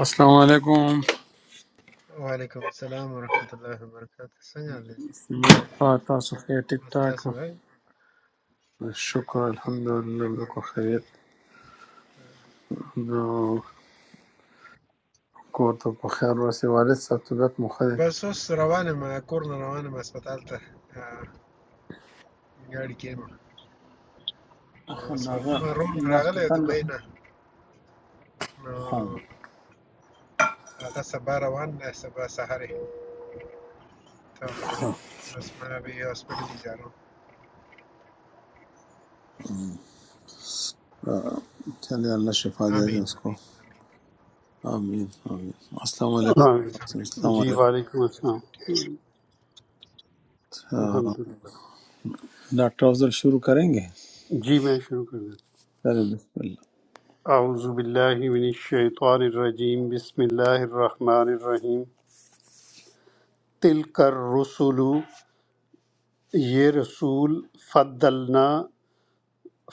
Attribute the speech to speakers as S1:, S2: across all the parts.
S1: السلام علیکم
S2: वालेकुम अस्सलाम वरहमतुल्लाहि वबरकातुहू। संगा ले जी क्या कहते हैं
S1: تاسو ښه ټیک
S2: मस्ता
S1: ټاک
S2: सुबह मैं
S1: شکر
S2: पाक शुक्र है
S1: الحمدلله زه کو خیریت نو کور ته په خیر راسي والد صاحب طبیعت مو ښه دی
S2: बस उस रवाने में कोर्न रवाने में अस्पताल था गाड़ी के में सवर
S1: هماغه
S2: में रोन
S1: لاس په
S2: रागले दुबई
S1: تنده
S2: ना
S1: ها
S2: आगा सबा रवान है सबा सहारे तो बस मैं अभी हॉस्पिटल ही जा रहा हूं।
S1: چلے اللہ شفا دے دے
S2: आमीन
S1: اس کو
S2: आमीन आमीन।
S1: آمین آمین السلام
S2: अस्सलाम
S1: علیکم
S2: वालेकुम।
S3: آمین
S1: السلام
S3: جی
S1: علیکم
S3: وعلیکم
S2: कैसे
S3: السلام
S2: हो? ठीक
S1: آہ،
S3: الحمد للہ
S1: ڈاکٹر افضل شروع کریں گے
S3: جی میں شروع کر دیتا
S1: چلے بسم اللہ
S3: ہوں۔ اعوذ باللہ من الشیطان الرجیم بسم اللہ الرحمن الرحیم تلک الرسل یہ رسول فضلنا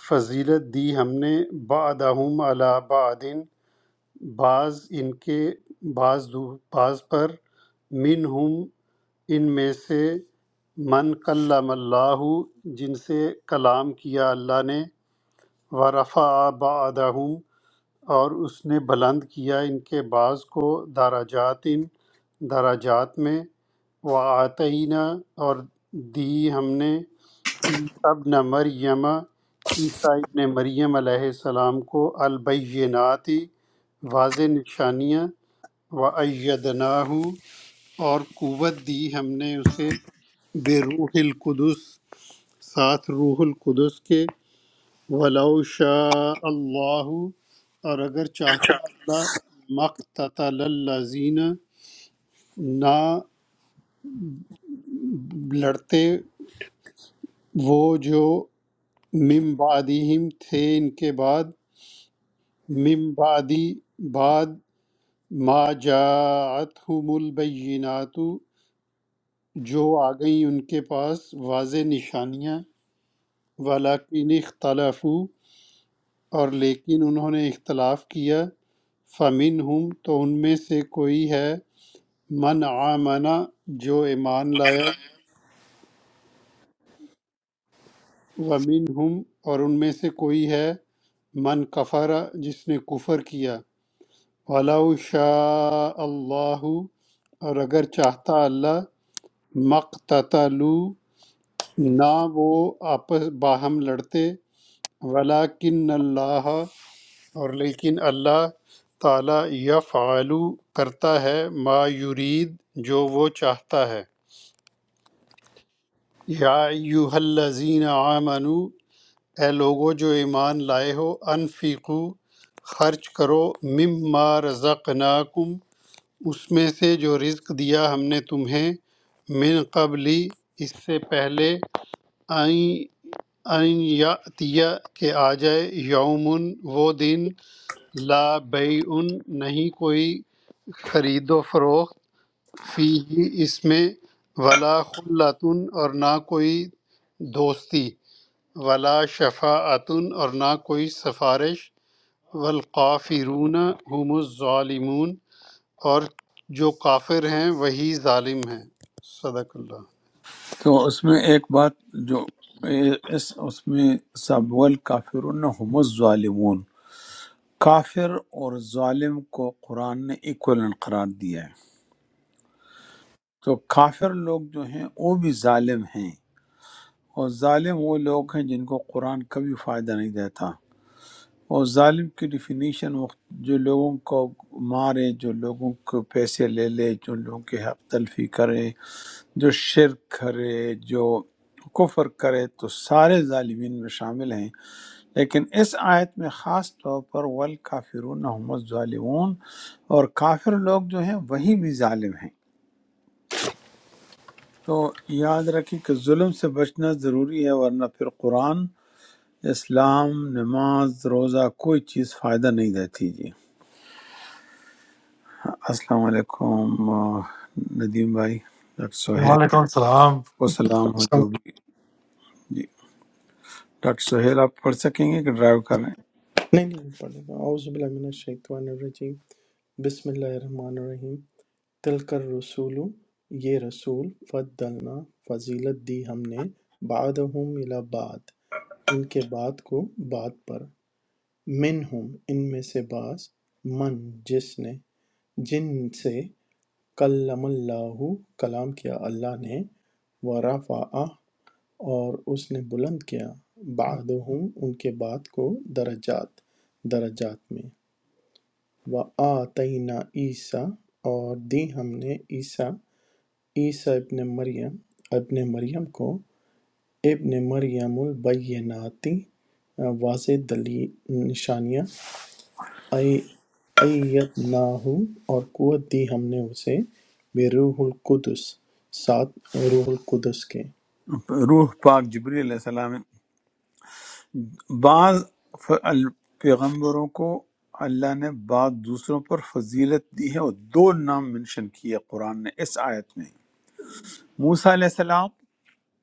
S3: فضیلت دی ہم نے بعدہم علی بعد بعض ان کے بعض دو- بعض پر منہم ان میں سے من کلم اللہ جن سے کلام کیا اللہ نے ورفع بعدہم اور اس نے بلند کیا ان کے بعض کو دراجات دراجات میں وعطینہ اور دی ہم نے عیسیٰ ابن مریم عیسیٰ ابن مریم علیہ السلام کو البینات واضح نشانیاں و اور قوت دی ہم نے اسے بے روح القدس ساتھ روح القدس کے ولو شاء اللہ اور اگر چاہتا اللہ مقتل الذین نہ لڑتے وہ جو من بعدہم تھے ان کے بعد من بعدی بعد ما جاءتہم البینات جو آ گئیں ان کے پاس واضح نشانیاں ولیکن اختلافو اور لیکن انہوں نے اختلاف کیا فمن ہم تو ان میں سے کوئی ہے من آمنا جو ایمان لایا
S4: السلام
S3: ومن ہم اور ان میں سے کوئی ہے من کفر جس نے کفر کیا وَلَوْ شَاءَ اللہ اور اگر چاہتا اللہ مقتتلو نہ وہ آپس باہم لڑتے ولیکن اللہ اور لیکن اللہ تعالی یفعلو کرتا ہے ما یرید جو وہ چاہتا ہے یا ایوہ الذین آمنو اے لوگو جو ایمان لائے ہو انفیقو خرچ کرو مما رزقناکم اس میں سے جو رزق دیا ہم نے تمہیں من قبلی اس سے پہلے آئیں آئیں یاتیا کہ آ جائے یومن وہ دن لا بیع نہیں کوئی خرید و فروخت فی اس میں ولا خلتن اور نہ کوئی دوستی ولا شفاعتن اور نہ کوئی سفارش والقافرون هم الظالمون اور جو کافر ہیں وہی ظالم ہیں صدق اللہ
S1: تو اس میں ایک بات جو اس اس میں سبول کافرون ہم الظالمون کافر اور ظالم کو قرآن نے ایکولن قرار دیا ہے تو کافر لوگ جو ہیں وہ بھی ظالم ہیں اور ظالم وہ لوگ ہیں جن کو قرآن کبھی فائدہ نہیں دیتا اور ظالم کی ڈیفینیشن جو لوگوں کو مارے جو لوگوں کو پیسے لے لے جو لوگوں کے حق تلفی کرے جو شرک کرے جو کفر کرے تو سارے ظالمین میں شامل ہیں لیکن اس آیت میں خاص طور پر والکافرون هم الظالمون اور کافر لوگ جو ہیں وہی بھی ظالم ہیں تو یاد رکھیں کہ ظلم سے بچنا ضروری ہے ورنہ پھر قرآن اسلام نماز روزہ کوئی چیز فائدہ نہیں دیتی جی ہاں، السلام علیکم آہ، ندیم بھائی ڈاکٹر سہیل
S5: وعلیکم السلام
S1: کو سلام ہو
S4: علیکم۔
S1: جو بھی جی ڈاکٹر سہیل آپ پڑھ سکیں گے کہ ڈرائیو کر رہے
S4: نہیں نہیں وہ پڑھ لیتا ہوں اعوذ باللہ من الشیطان الرجیم بسم اللہ الرحمن الرحیم تلک الرسول یہ رسول فضلنا فضیلت دی ہم نے بعدہم الی بعد ان کے بعد کو بعد پر منہم ان میں سے بعض من جس نے جن سے کلم اللہ کلام کیا اللہ نے ورفع اور اس نے بلند کیا بعضهم ان کے بعد کو درجات درجات میں وآتینا عیسیٰ اور دی ہم نے عیسیٰ عیسیٰ ابن مریم ابن مریم کو ابن مریم البیناتی واضح دلی نشانیاں ایت اور قوت دی ہم نے اسے بے روح القدس ساتھ روح القدس کے
S1: ہیں روح پاک جبری علیہ السلام بعض ف- ال- پیغمبروں کو اللہ نے بعض دوسروں پر فضیلت دی ہے اور دو نام منشن کیے قرآن نے اس آیت میں موسیٰ علیہ السلام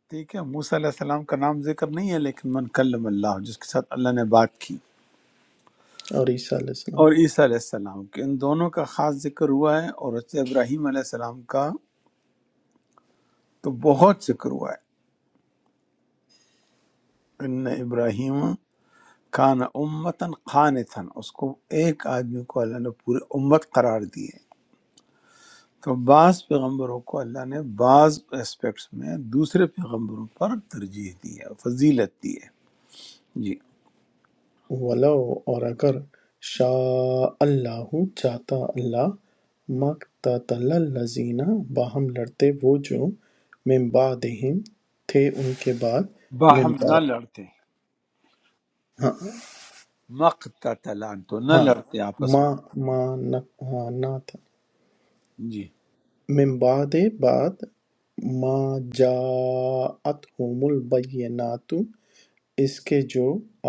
S1: ٹھیک ہے موسیٰ علیہ السلام کا نام ذکر نہیں ہے لیکن من کلم اللہ جس کے ساتھ اللہ نے بات کی
S4: اور عیسیٰ علیہ السلام
S1: اور عیسیٰ علیہ السلام کے ان دونوں کا خاص ذکر ہوا ہے اور حضرت ابراہیم علیہ السلام کا تو بہت ذکر ہوا ہے ان ابراہیم کان امتن خانتاً اس کو ایک آدمی کو اللہ نے پورے امت قرار دی ہے تو بعض پیغمبروں کو اللہ نے بعض اسپیکٹس میں دوسرے پیغمبروں پر ترجیح دی ہے فضیلت دی ہے جی
S4: وَلَو اور اگر شَاءَ اللَّہُ چاہتا اللہ مَا اقْتَتَلَ الَّذِينَ باہم لڑتے وہ جو مِن بَعْدِھِمْ تھے ان کے بعد مِن
S1: باہم نہ
S4: بعد
S1: لڑتے
S4: ہاں
S1: مقتتلان تو نہ
S4: ہاں
S1: لڑتے آپس
S4: ما ما نہ ہاں، نہ تھا
S1: میں جی
S4: من بعد بعد ما جاءتہم البینات اس کے جو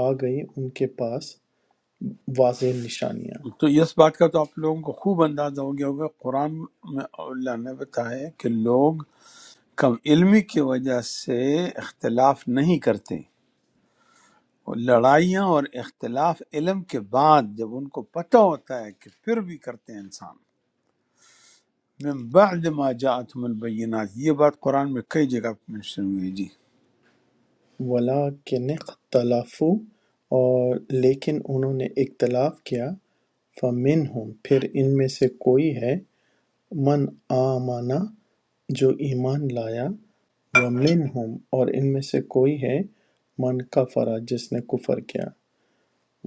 S4: آ گئی ان کے پاس واضح نشانیاں
S1: تو اس بات کا تو آپ لوگوں کو خوب اندازہ ہو گیا ہوگا قرآن میں اللہ نے بتایا کہ لوگ کم علمی کی وجہ سے اختلاف نہیں کرتے اور لڑائیاں اور اختلاف علم کے بعد جب ان کو پتہ ہوتا ہے کہ پھر بھی کرتے ہیں انسان من بعد ما جاءتهم البینات یہ بات قرآن میں کئی جگہ منشن ہوئی ہے جی
S4: وَلَٰكِنِ اخْتَلَفُوا اور لیکن انہوں نے اختلاف کیا فَمِنْہُم پھر ان میں سے کوئی ہے مَنْ آمَنَ جو ایمان لایا وَمِنْہُم اور ان میں سے کوئی ہے مَنْ کَفَرَ جس نے کفر کیا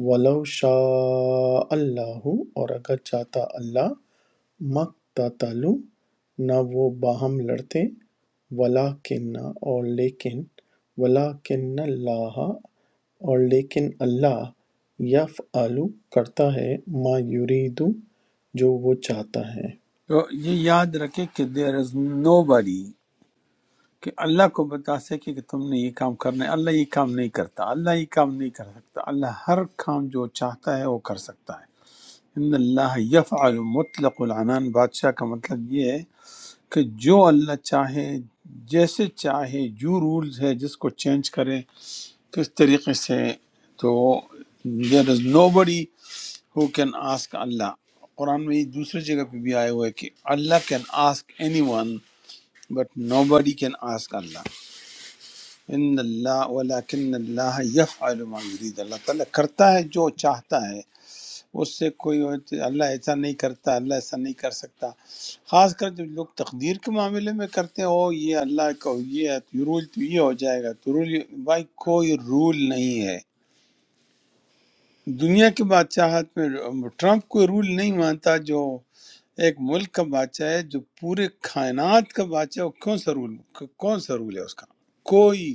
S4: وَلَوْ شَاءَ اللَّهُ اور اگر چاہتا اللہ مقتتلو نہ وہ باہم لڑتے ولیکن اور لیکن ولیکن اللہ اور لیکن اللہ یفعل کرتا ہے ما یریدو جو وہ چاہتا ہے
S1: تو یہ یاد رکھے کہ دیر از نو بڑی کہ اللہ کو بتا سکے کہ تم نے یہ کام کرنا ہے اللہ یہ کام نہیں کرتا اللہ یہ کام نہیں کر سکتا اللہ ہر کام جو چاہتا ہے وہ کر سکتا ہے ان اللہ یفعل مطلق العنان بادشاہ کا مطلب یہ ہے کہ جو اللہ چاہے جیسے چاہے جو رولز ہے جس کو چینج کرے کس طریقے سے تو دیر از نو who can ask Allah قرآن میں یہ دوسری جگہ پہ بھی آئے ہوئے کہ اللہ can ask anyone but nobody can ask Allah ان اللہ ولکن اللہ يفعل ما يريد اللہ تعالیٰ کرتا ہے جو چاہتا ہے اس سے کوئی اللہ ایسا نہیں کرتا اللہ ایسا نہیں کر سکتا خاص کر جب لوگ تقدیر کے معاملے میں کرتے ہیں او یہ اللہ کا یہ ہے تو رول تو یہ ہو جائے گا تو رول بھائی کوئی رول نہیں ہے دنیا کے بادشاہت میں ٹرمپ کوئی رول نہیں مانتا جو ایک ملک کا بادشاہ ہے جو پورے کائنات کا بادشاہ ہے وہ کیوں سا رول کون سا رول ہے اس کا کوئی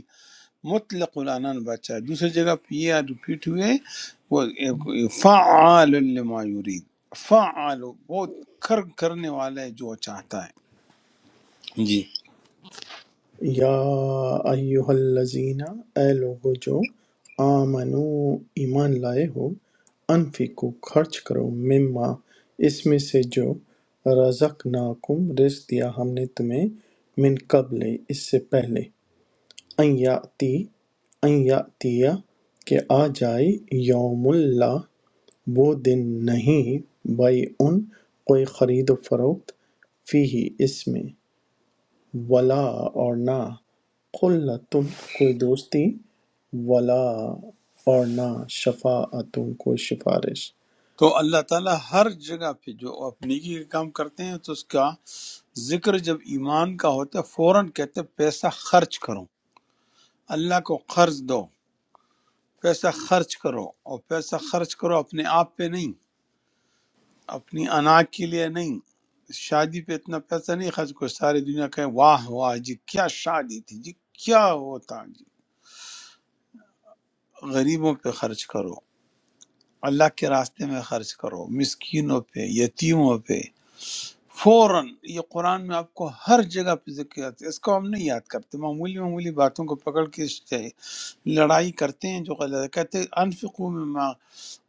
S1: مطلق العنان بادشاہ ہے دوسری جگہ پہ یہ ریپیٹ ہوئے وہ ایک- فعال لما یرید فعال بہت کر کرنے والا ہے جو وہ چاہتا ہے جی
S4: یا ایہا الذین اے لوگو جو آمنو ایمان لائے ہو انفقو خرچ کرو مما اس میں سے جو رزقناکم رزق دیا ہم نے تمہیں من قبل اس سے پہلے ان یاتی ان یاتیا کہ آ جائے یوم اللہ وہ دن نہیں بھائی ان کوئی خرید و فروخت فی ہی اس میں ولا اور نہ قلتن کوئی دوستی ولا اور نہ شفاعتن کوئی سفارش
S1: تو اللہ تعالیٰ ہر جگہ پہ جو آپ نیکی کے کام کرتے ہیں تو اس کا ذکر جب ایمان کا ہوتا ہے فوراً کہتے ہیں پیسہ خرچ کرو اللہ کو قرض دو پیسہ خرچ کرو اور پیسہ خرچ کرو اپنے آپ پہ نہیں اپنی انا کے لیے نہیں شادی پہ اتنا پیسہ نہیں خرچ کرو ساری دنیا کہے واہ واہ جی کیا شادی تھی جی کیا ہوتا جی غریبوں پہ خرچ کرو اللہ کے راستے میں خرچ کرو مسکینوں پہ یتیموں پہ فوراً یہ قرآن میں آپ کو ہر جگہ پہ ذکر آتا ہے اس کو ہم نہیں یاد کرتے معمولی معمولی باتوں کو پکڑ کے اس سے لڑائی کرتے ہیں جو غلط ہے۔ کہتے ہیں انفقو مما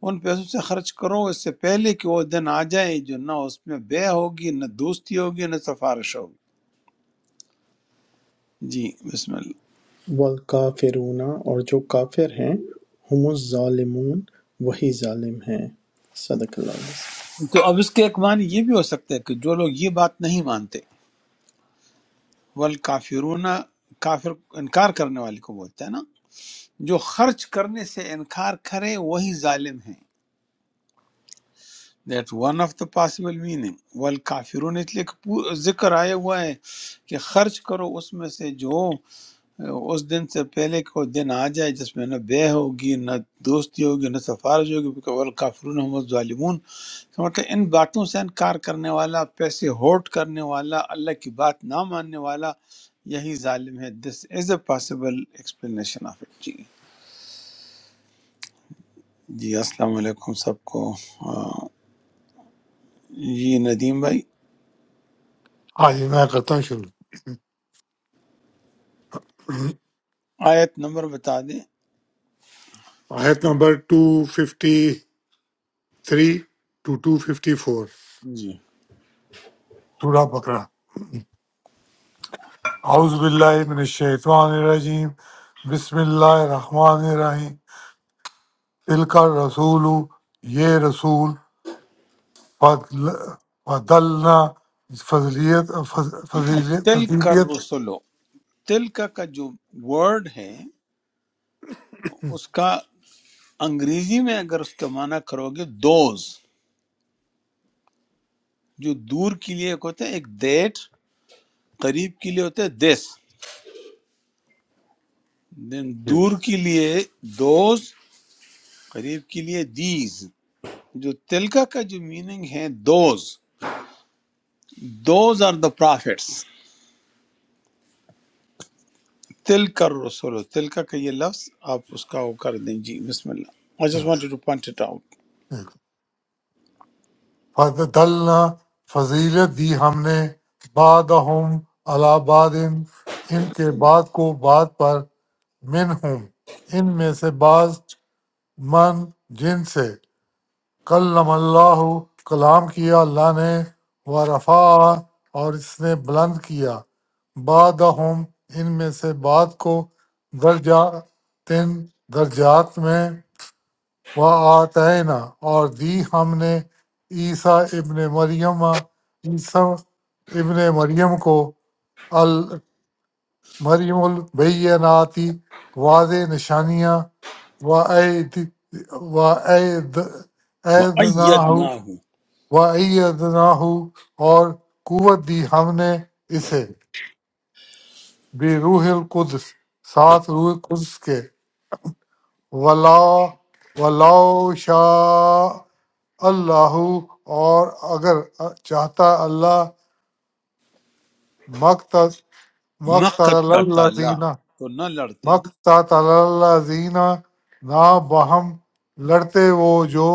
S1: ان پیسوں سے خرچ کرو اس سے پہلے کہ وہ دن آ جائے جو نہ اس میں بے ہوگی نہ دوستی ہوگی نہ سفارش ہوگی جی بسم اللہ
S4: والکافرون اور جو کافر ہیں ہم الظالمون وہی ظالم ہیں صدق اللہ العظیم۔
S1: تو اب اس کے ایک معنی یہ بھی ہو سکتا ہے کہ جو لوگ یہ بات نہیں مانتے ول کافرون کافر انکار کرنے والے کو بولتا ہے نا جو خرچ کرنے سے انکار کرے وہی ظالم ہیں that one of the possible meaning والکافرون اس لیے کہ پو- ذکر آیا ہوا ہے کہ خرچ کرو اس میں سے جو اس دن سے پہلے کو دن آ جائے جس میں نہ بے ہوگی نہ دوستی ہوگی نہ سفارش ہوگی کیونکہ والکافرون ہم الظالمون تو مطلب ان باتوں سے انکار کرنے والا پیسے ہوٹ کرنے والا اللہ کی بات نہ ماننے والا یہی ظالم ہے this is a possible explanation of it جی جی السلام علیکم سب کو آ، جی ندیم بھائی
S5: آج میں کرتا ہوں شروع
S1: آیت نمبر بتا دیں
S5: آیت نمبر 253 ٹو 254
S1: جی
S5: سورہ بقرہ اعوذ باللہ من الشیطان الرجیم بسم اللہ الرحمن الرحیم تلک الرسول یہ رسول فضل فضلنا فضلیت فض- فضیلیت
S1: تل کر
S5: فضیلیت
S1: رسولو تل کا کا جو ورڈ ہے اس کا انگریزی میں اگر اس کا معنی کرو گے دوز جو دور کے لیے ایک ہوتا ہے ایک دیٹ قریب کے لیے ہوتا ہے دس دین دور کے لیے دوز قریب کے لیے دیز جو تلکا کا جو میننگ ہے those those are the prophets تل کر رسولو تلکا کا یہ لفظ آپ اس کا وہ کر دیں جی بسم اللہ I just wanted to point it out.
S5: فضلنا فضیلت دی ہم نے بعدہم علی بعد ان کے بعد کو بعد پر منہم ان میں سے بعض من جن سے کلم اللہ کلام کیا اللہ نے و رفع اور اس نے بلند کیا بعدہم ان میں سے بعد کو درجہ تین درجات میں وہ آتینا اور دی ہم نے عیسیٰ ابن مریم عیسیٰ ابن مریم کو ال مریم البیناتی واضح نشانیاں و عید و عید
S1: وَأَيَّدْنَاهُ
S5: و ہو اور قوت دی ہم نے اسے بے روح القدس سات روح قدس کے ولا ولو شاء اللہ اور اگر چاہتا اللہ مقت مقتل اللہ
S1: مَقْتَتَلَا
S5: زینہ
S1: تو نہ لڑتے
S5: مقتل اللہ زینہ نہ بہم لڑتے وہ جو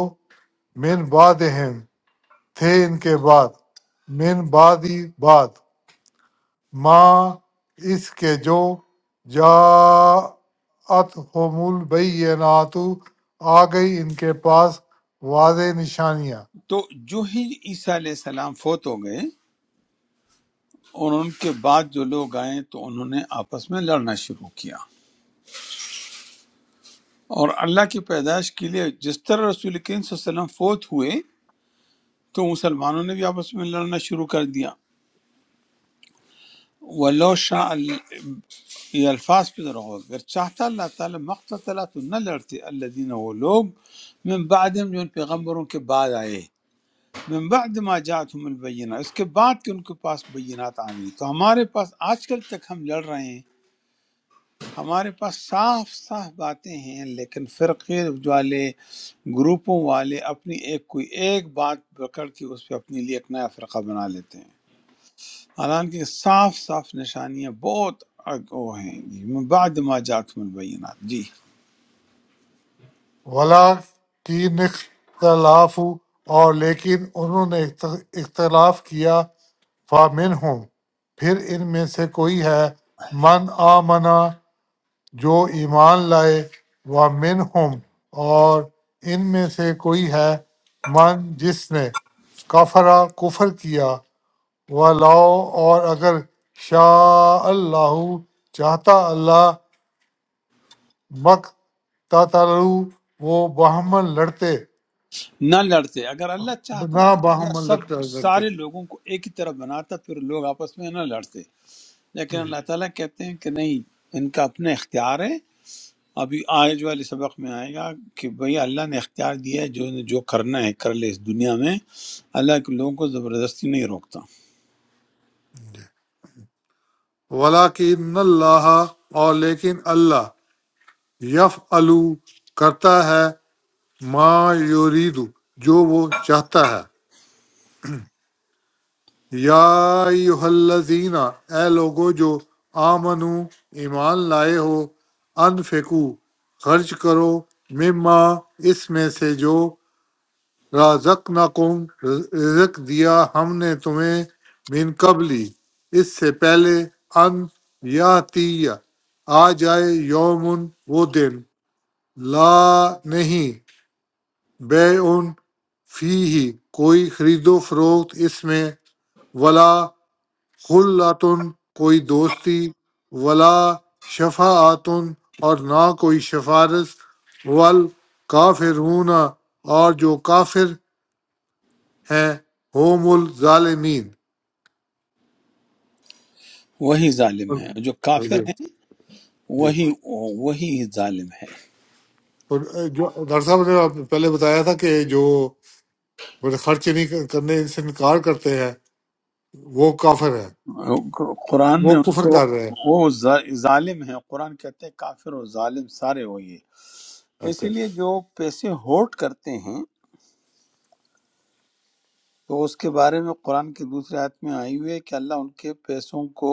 S5: من بعد ہم تھے ان کے بعد من بعد ہی بعد ماں اس کے جو جاءت ہومول بیناتو آ گئی ان کے پاس واضح نشانیاں
S1: تو جو ہی عیسیٰ علیہ السلام فوت ہو گئے اور ان کے بعد جو لوگ آئے تو انہوں نے آپس میں لڑنا شروع کیا اور اللہ کی پیدائش کے لیے جس طرح رسول کریم صلی اللہ علیہ وسلم فوت ہوئے تو مسلمانوں نے بھی آپس میں لڑنا شروع کر دیا ولو شاء ال- یہ الفاظ پہ ذرا غور اگر چاہتا اللہ تعالیٰ مقتلا تو نہ لڑتے اللہ وہ لوگ من بعدم جو ان پیغمبروں کے بعد آئے من بعد ما جاتهم البینہ اس کے بعد کہ ان کے پاس بینات آ گئی تو ہمارے پاس آج کل تک ہم لڑ رہے ہیں ہمارے پاس صاف صاف باتیں ہیں لیکن فرقے والے گروپوں والے اپنی ایک کوئی ایک بات پکڑ کے اس پہ اپنے لیے ایک نیا فرقہ بنا لیتے ہیں حالانکہ صاف صاف نشانیاں بہت اگ- وہ ہیں جی من بعد ما جاتهم البینات جی
S5: ولا کی اختلاف اور لیکن انہوں نے اخت- اختلاف کیا فامن ہوں پھر ان میں سے کوئی ہے من آمنا جو ایمان لائے و من ہم اور ان میں سے کوئی ہے من جس نے کفرا کفر کیا و لاؤ اور اگر شاء اللہ چاہتا اللہ مک تلو وہ بہمن لڑتے
S1: نہ لڑتے اگر اللہ چاہتا
S5: نہ
S1: تو اللہ
S5: بہمن
S1: سب
S5: لڑتا- لڑتے
S1: سارے لوگوں کو ایک ہی طرح بناتا پھر لوگ آپس میں نہ لڑتے لیکن اللہ تعالیٰ کہتے ہیں کہ نہیں ان کا اپنا اختیار ہے ابھی آج والے سبق میں آئے گا کہ بھئی اللہ نے اختیار دیا ہے جو جو کرنا ہے کر لے اس دنیا میں اللہ کے لوگوں کو زبردستی نہیں روکتا
S5: ولاکن اللہ اور لیکن اللہ یف کرتا ہے ما یوریدو جو وہ چاہتا ہے یا ایہا الذین اے لوگو جو آمنو ایمان لائے ہو انفقو خرچ کرو مما اس میں سے جو رازقنکم رزق دیا ہم نے تمہیں من قبلی اس سے پہلے ان یاتی آ جائے یومن وہ دن لا نہیں بے ان فی ہی کوئی خرید و فروخت اس میں ولا خلعتن کوئی دوستی ولا شفاعتن اور نہ کوئی شفارس ول کافرون اور جو کافر ہیں ہوم الظالمین
S1: وہی ظالم ہے جو کافر
S5: جی
S1: ہیں
S5: جی
S1: وہی وہی ظالم ہے
S5: اور جو ڈاکٹر صاحب نے آپ نے پہلے بتایا تھا کہ جو بڑے خرچ نہیں کرنے سے انکار کرتے ہیں وہ کافر ہے
S1: قرآن نے
S5: وہ
S1: ان
S5: کفر
S1: کو
S5: کر رہے ہیں
S1: وہ ظا- ظالم ہیں قرآن کہتے ہیں کافر و ظالم سارے وہی ہے
S5: اچھا
S1: اسی لیے جو پیسے ہوٹ کرتے ہیں تو اس کے بارے میں قرآن کی دوسرے آیت میں آئی ہوئی ہے کہ اللہ ان کے پیسوں کو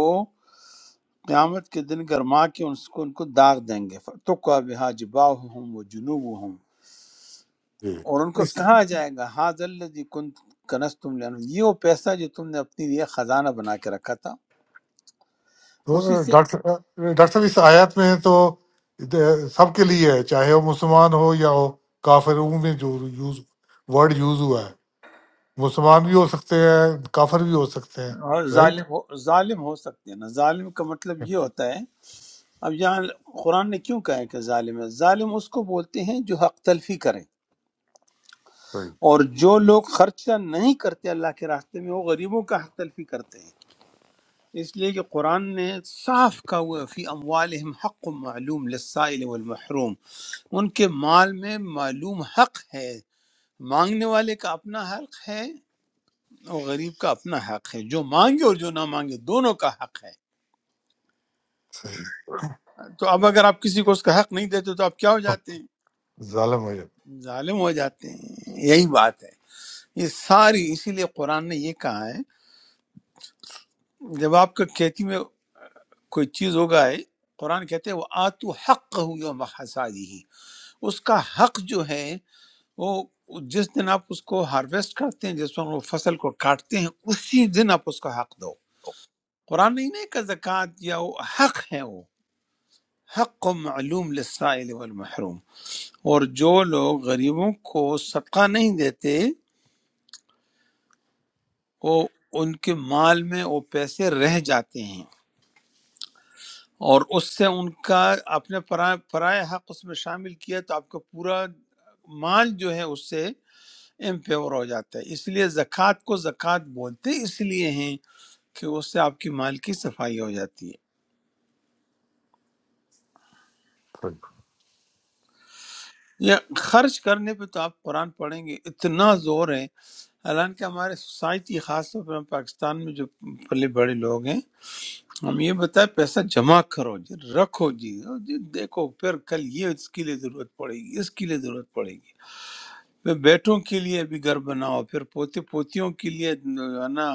S1: قیامت کے دن گرما کے ان کو ان کو داغ دیں گے تو کا بہا جبا ہوں وہ جنوب ہوں اور ان کو
S5: جی
S1: کہا جائے گا حاض الذی کن کنس تم یہ وہ پیسہ جو تم نے اپنے لیے خزانہ بنا کے رکھا تھا اسی
S5: تو
S1: سے
S5: ڈاکٹر ڈاکٹر صاحب اس آیات میں تو سب کے لیے ہے چاہے وہ مسلمان ہو یا ہو کافر ان میں جو یوز ورڈ یوز ہوا ہے مسلمان بھی ہو سکتے ہیں کافر بھی ہو سکتے ہیں
S1: اور
S5: رائٹ
S1: ظالم ہو ظالم ہو سکتے ہیں نا ظالم کا مطلب یہ ہوتا ہے اب یہاں قرآن نے کیوں کہا ہے کہ ظالم ہے ظالم اس کو بولتے ہیں جو حق تلفی کرے
S5: صحیح
S1: اور جو لوگ خرچہ نہیں کرتے اللہ کے راستے میں وہ غریبوں کا حق تلفی کرتے ہیں اس لیے کہ قرآن نے صاف کہا ہوا ہے، فی اموالہم حق معلوم للسائل والمحروم ان کے مال میں معلوم حق ہے مانگنے والے کا اپنا حق ہے اور غریب کا اپنا حق ہے جو مانگے اور جو نہ مانگے دونوں کا حق
S5: صحیح
S1: ہے تو اب اگر آپ کسی کو اس کا حق نہیں دیتے تو آپ کیا ہو جاتے
S5: ظالم ہو جاتا
S1: ہیں ظالم ہو جاتے ہیں یہی بات ہے یہ ساری اسی لیے قرآن نے یہ کہا ہے جب آپ کا کھیتی میں کوئی چیز ہوگا ہے قرآن کہتے ہیں وہ آتو حق ہو یوم حسادی ہی اس کا حق جو ہے وہ جس دن آپ اس کو ہارویسٹ کرتے ہیں جس وقت وہ فصل کو کاٹتے ہیں اسی دن آپ اس کا حق دو قرآن نہیں نہیں کہ زکوٰۃ یا وہ حق ہے وہ حق و معلوم للسائل والمحروم اور جو لوگ غریبوں کو صدقہ نہیں دیتے وہ ان کے مال میں وہ پیسے رہ جاتے ہیں اور اس سے ان کا اپنے پرائے پرائے حق اس میں شامل کیا تو آپ کا پورا مال جو ہے اس سے امپیور ہو جاتا ہے اس لیے زکوٰۃ کو زکوٰۃ بولتے اس لیے ہیں کہ اس سے آپ کی مال کی صفائی ہو جاتی ہے یا خرچ کرنے پہ تو آپ قرآن پڑھیں گے اتنا زور ہے حالانکہ ہمارے سوسائٹی خاص طور پر ہم پاکستان میں جو پلے بڑے لوگ ہیں ہم یہ بتائیں پیسہ جمع کرو جی رکھو جی اور جی دیکھو پھر کل یہ اس کے لیے ضرورت پڑے گی اس کے لیے ضرورت پڑے گی میں بیٹوں کے لیے بھی گھر بناؤ پھر پوتے پوتیوں کے لیے جو ہے نا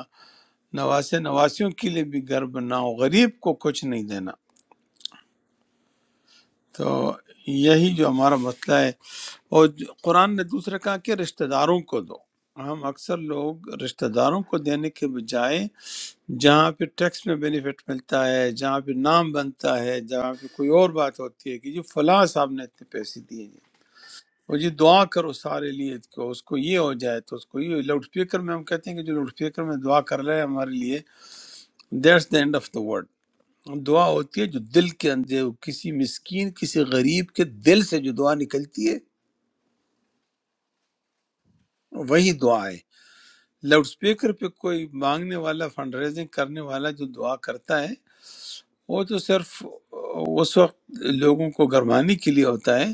S1: نواسے نواسیوں کے لیے بھی گھر بناؤ غریب کو کچھ نہیں دینا تو یہی جو ہمارا مسئلہ ہے اور جو- قرآن نے دوسرا کہا کہ رشتہ داروں کو دو ہم اکثر لوگ رشتہ داروں کو دینے کے بجائے جہاں پہ ٹیکس میں بینیفٹ ملتا ہے جہاں پہ نام بنتا ہے جہاں پہ کوئی اور بات ہوتی ہے کہ جی فلاں صاحب نے اتنے پیسے دیے اور یہ دعا کرو سارے لیے کہ اس کو یہ ہو جائے تو اس کو یہ لاؤڈ اسپیکر میں ہم کہتے ہیں کہ جو لاؤڈ اسپیکر میں دعا کر رہے ہیں ہمارے لیے that's the end of the word دعا ہوتی ہے جو دل کے اندر کسی مسکین کسی غریب کے دل سے جو دعا نکلتی ہے وہی دعا ہے لاؤڈ اسپیکر پہ کوئی مانگنے والا فنڈ ریزنگ کرنے والا جو دعا کرتا ہے وہ تو صرف اس وقت لوگوں کو گرمانے کے لیے ہوتا ہے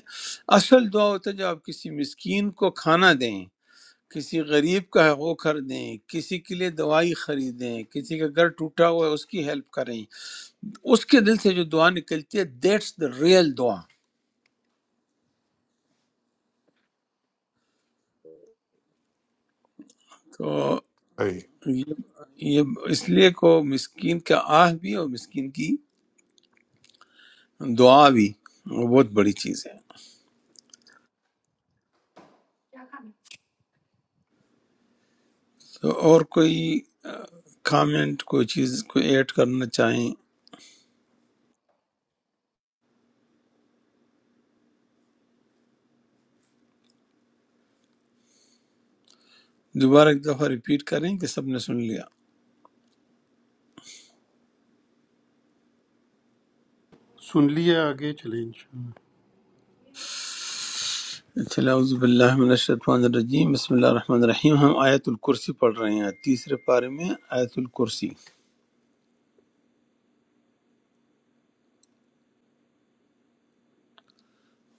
S1: اصل دعا ہوتا ہے جو آپ کسی مسکین کو کھانا دیں کسی غریب کا وہ کر دیں کسی کے لیے دوائی خریدیں کسی کا گھر ٹوٹا ہوا ہے اس کی ہیلپ کریں اس کے دل سے جو دعا نکلتی ہے دیٹس دا ریئل دعا تو
S5: صحیح
S1: یہ یہ اس لیے کو مسکین کا آہ بھی اور مسکین کی دعا بھی وہ بہت بڑی چیز ہے تو اور کوئی کامنٹ کوئی چیز کوئی ایڈ کرنا چاہیں دوبارہ ایک دفعہ ریپیٹ کریں کہ سب نے سن لیا
S3: سن لیا آگے چلیں انشاءاللہ
S1: چلا اعوذ باللہ من الشیطان الرجیم بسم اللہ الرحمن الرحیم ہم آیت الکرسی پڑھ رہے ہیں تیسرے پارے میں آیت الکرسی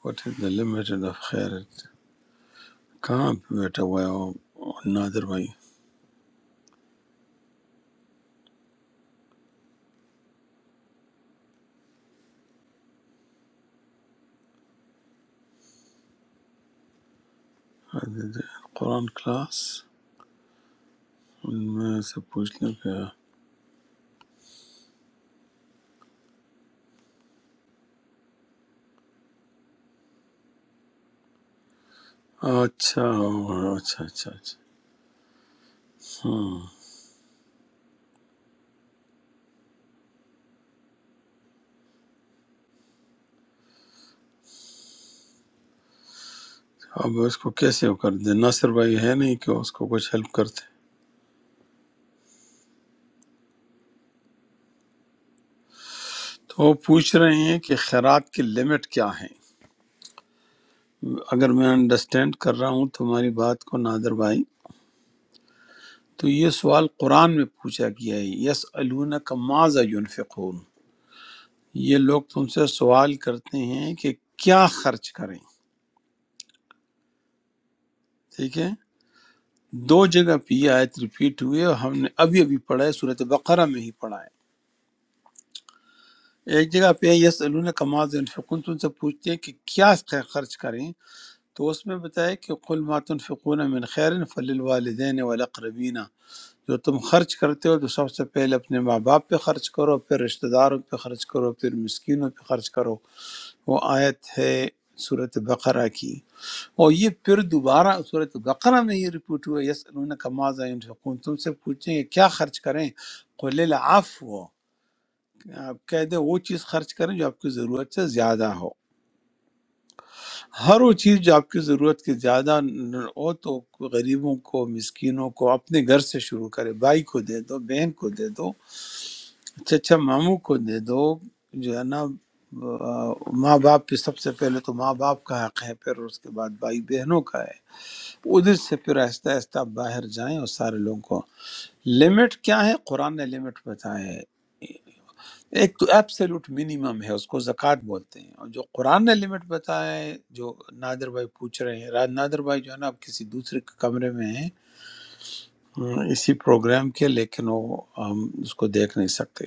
S1: what is the limit of خیر کہاں پہ بیٹھا ہوا ہے وہ نادر بھائی قرآن کلاس ان میں سے پوچھ لوں کہ اچھا اوہ، اچھا اچھا اچھا ہاں اب اس کو کیسے وہ کر دیں ناصر بھائی ہے نہیں کہ اس کو کچھ ہیلپ کرتے تو وہ پوچھ رہے ہیں کہ خیرات کی لمٹ کیا ہے اگر میں انڈرسٹینڈ کر رہا ہوں تمہاری بات کو نادر بھائی تو یہ سوال قرآن میں پوچھا گیا ہے یس کا ماضا ینفقون یہ لوگ تم سے سوال کرتے ہیں کہ کیا خرچ کریں ٹھیک ہے دو جگہ پہ یہ آیت ریپیٹ ہوئی ہے اور ہم نے ابھی ابھی پڑھا ہے صورت بقرہ میں ہی پڑھا ہے ایک جگہ پہ یس کا ماضا ینفقون تم سے پوچھتے ہیں کہ کیا خرچ کریں تو اس میں بتایا کہ قل ما تنفقون من خیر فللوالدین والاقربین جو تم خرچ کرتے ہو تو سب سے پہلے اپنے ماں باپ پہ خرچ کرو پھر رشتہ داروں پہ خرچ کرو پھر مسکینوں پہ خرچ کرو وہ آیت ہے صورت بقرہ کی اور یہ پھر دوبارہ صورت بقرہ میں یہ رپورٹ ہوا یس انہوں کا ماضا انفقون تم سے پوچھیں گے کیا خرچ کریں قل العف ہو آپ کہہ دیں وہ چیز خرچ کریں جو آپ کی ضرورت سے زیادہ ہو ہر وہ چیز جو آپ کی ضرورت کے زیادہ نہ ہو تو غریبوں کو مسکینوں کو اپنے گھر سے شروع کرے بھائی کو دے دو بہن کو دے دو اچھا اچھا ماموں کو دے دو جو ہے نا آ، ماں باپ پہ سب سے پہلے تو ماں باپ کا حق ہے پھر اس کے بعد بھائی بہنوں کا ہے ادھر سے پھر آہستہ آہستہ آپ باہر جائیں اور سارے لوگوں کو لمٹ کیا ہے قرآن نے لمٹ بتایا ہے ایک تو ایبسلوٹ منیمم ہے اس کو زکوٰۃ بولتے ہیں اور جو قرآن نے لمٹ بتایا ہے جو نادر بھائی پوچھ رہے ہیں راج نادر بھائی جو ہے نا آپ کسی دوسرے کے کمرے میں ہیں ہم اسی پروگرام کے لیکن وہ ہم اس کو دیکھ نہیں سکتے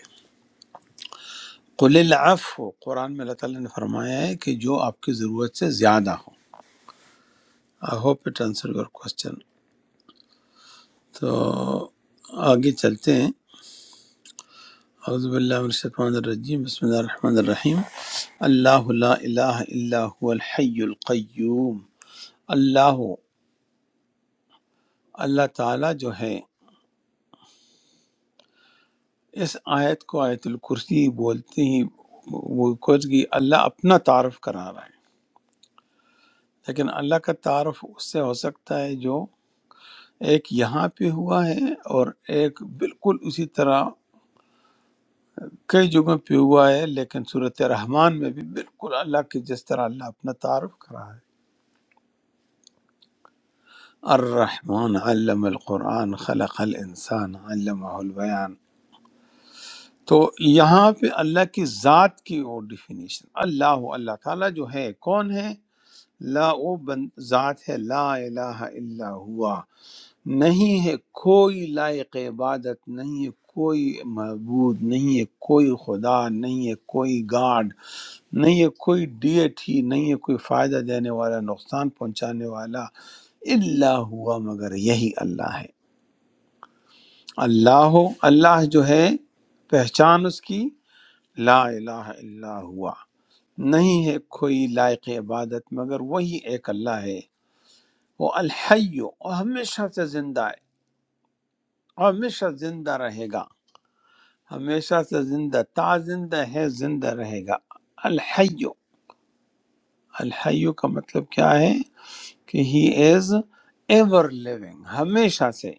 S1: قل العفو قرآن میں اللہ تعالیٰ نے فرمایا ہے کہ جو آپ کی ضرورت سے زیادہ ہو I hope it answer your question تو آگے چلتے ہیں اعوذ باللہ من الشیطان الرجیم بسم اللہ الرحمن الرحیم اللہ لا الہ الا هو الحی القیوم اللہ اللہ تعالیٰ جو ہے اس آیت کو آیت الکرسی بولتے ہی وہ کچھ کی اللہ اپنا تعارف کرا رہا ہے لیکن اللہ کا تعارف اس سے ہو سکتا ہے جو ایک یہاں پہ ہوا ہے اور ایک بالکل اسی طرح کئی جگہوں پہ ہوا ہے لیکن صورت رحمان میں بھی بالکل اللہ کے جس طرح اللہ اپنا تعارف کرا ہے الرحمن علم القرآن خلق الانسان علمہ البیان تو یہاں پہ اللہ کی ذات کی وہ ڈیفینیشن اللہ اللہ تعالیٰ جو ہے کون ہے لا وہ بن ذات ہے لا الہ الا ہوا نہیں ہے کوئی لائق عبادت نہیں ہے کوئی معبود نہیں ہے کوئی خدا نہیں ہے کوئی گاڈ نہیں ہے کوئی ڈیٹھی نہیں ہے کوئی فائدہ دینے والا نقصان پہنچانے والا اللہ ہوا مگر یہی اللہ ہے اللہ ہو اللہ جو ہے پہچان اس کی لا الہ الا ہوا نہیں ہے کوئی لائق عبادت مگر وہی ایک اللہ ہے وہ الحی وہ ہمیشہ سے زندہ ہے اور ہمیشہ زندہ رہے گا ہمیشہ سے زندہ تا زندہ ہے زندہ رہے گا الحی الحی کا مطلب کیا ہے کہ ہی از ایور لیونگ ہمیشہ سے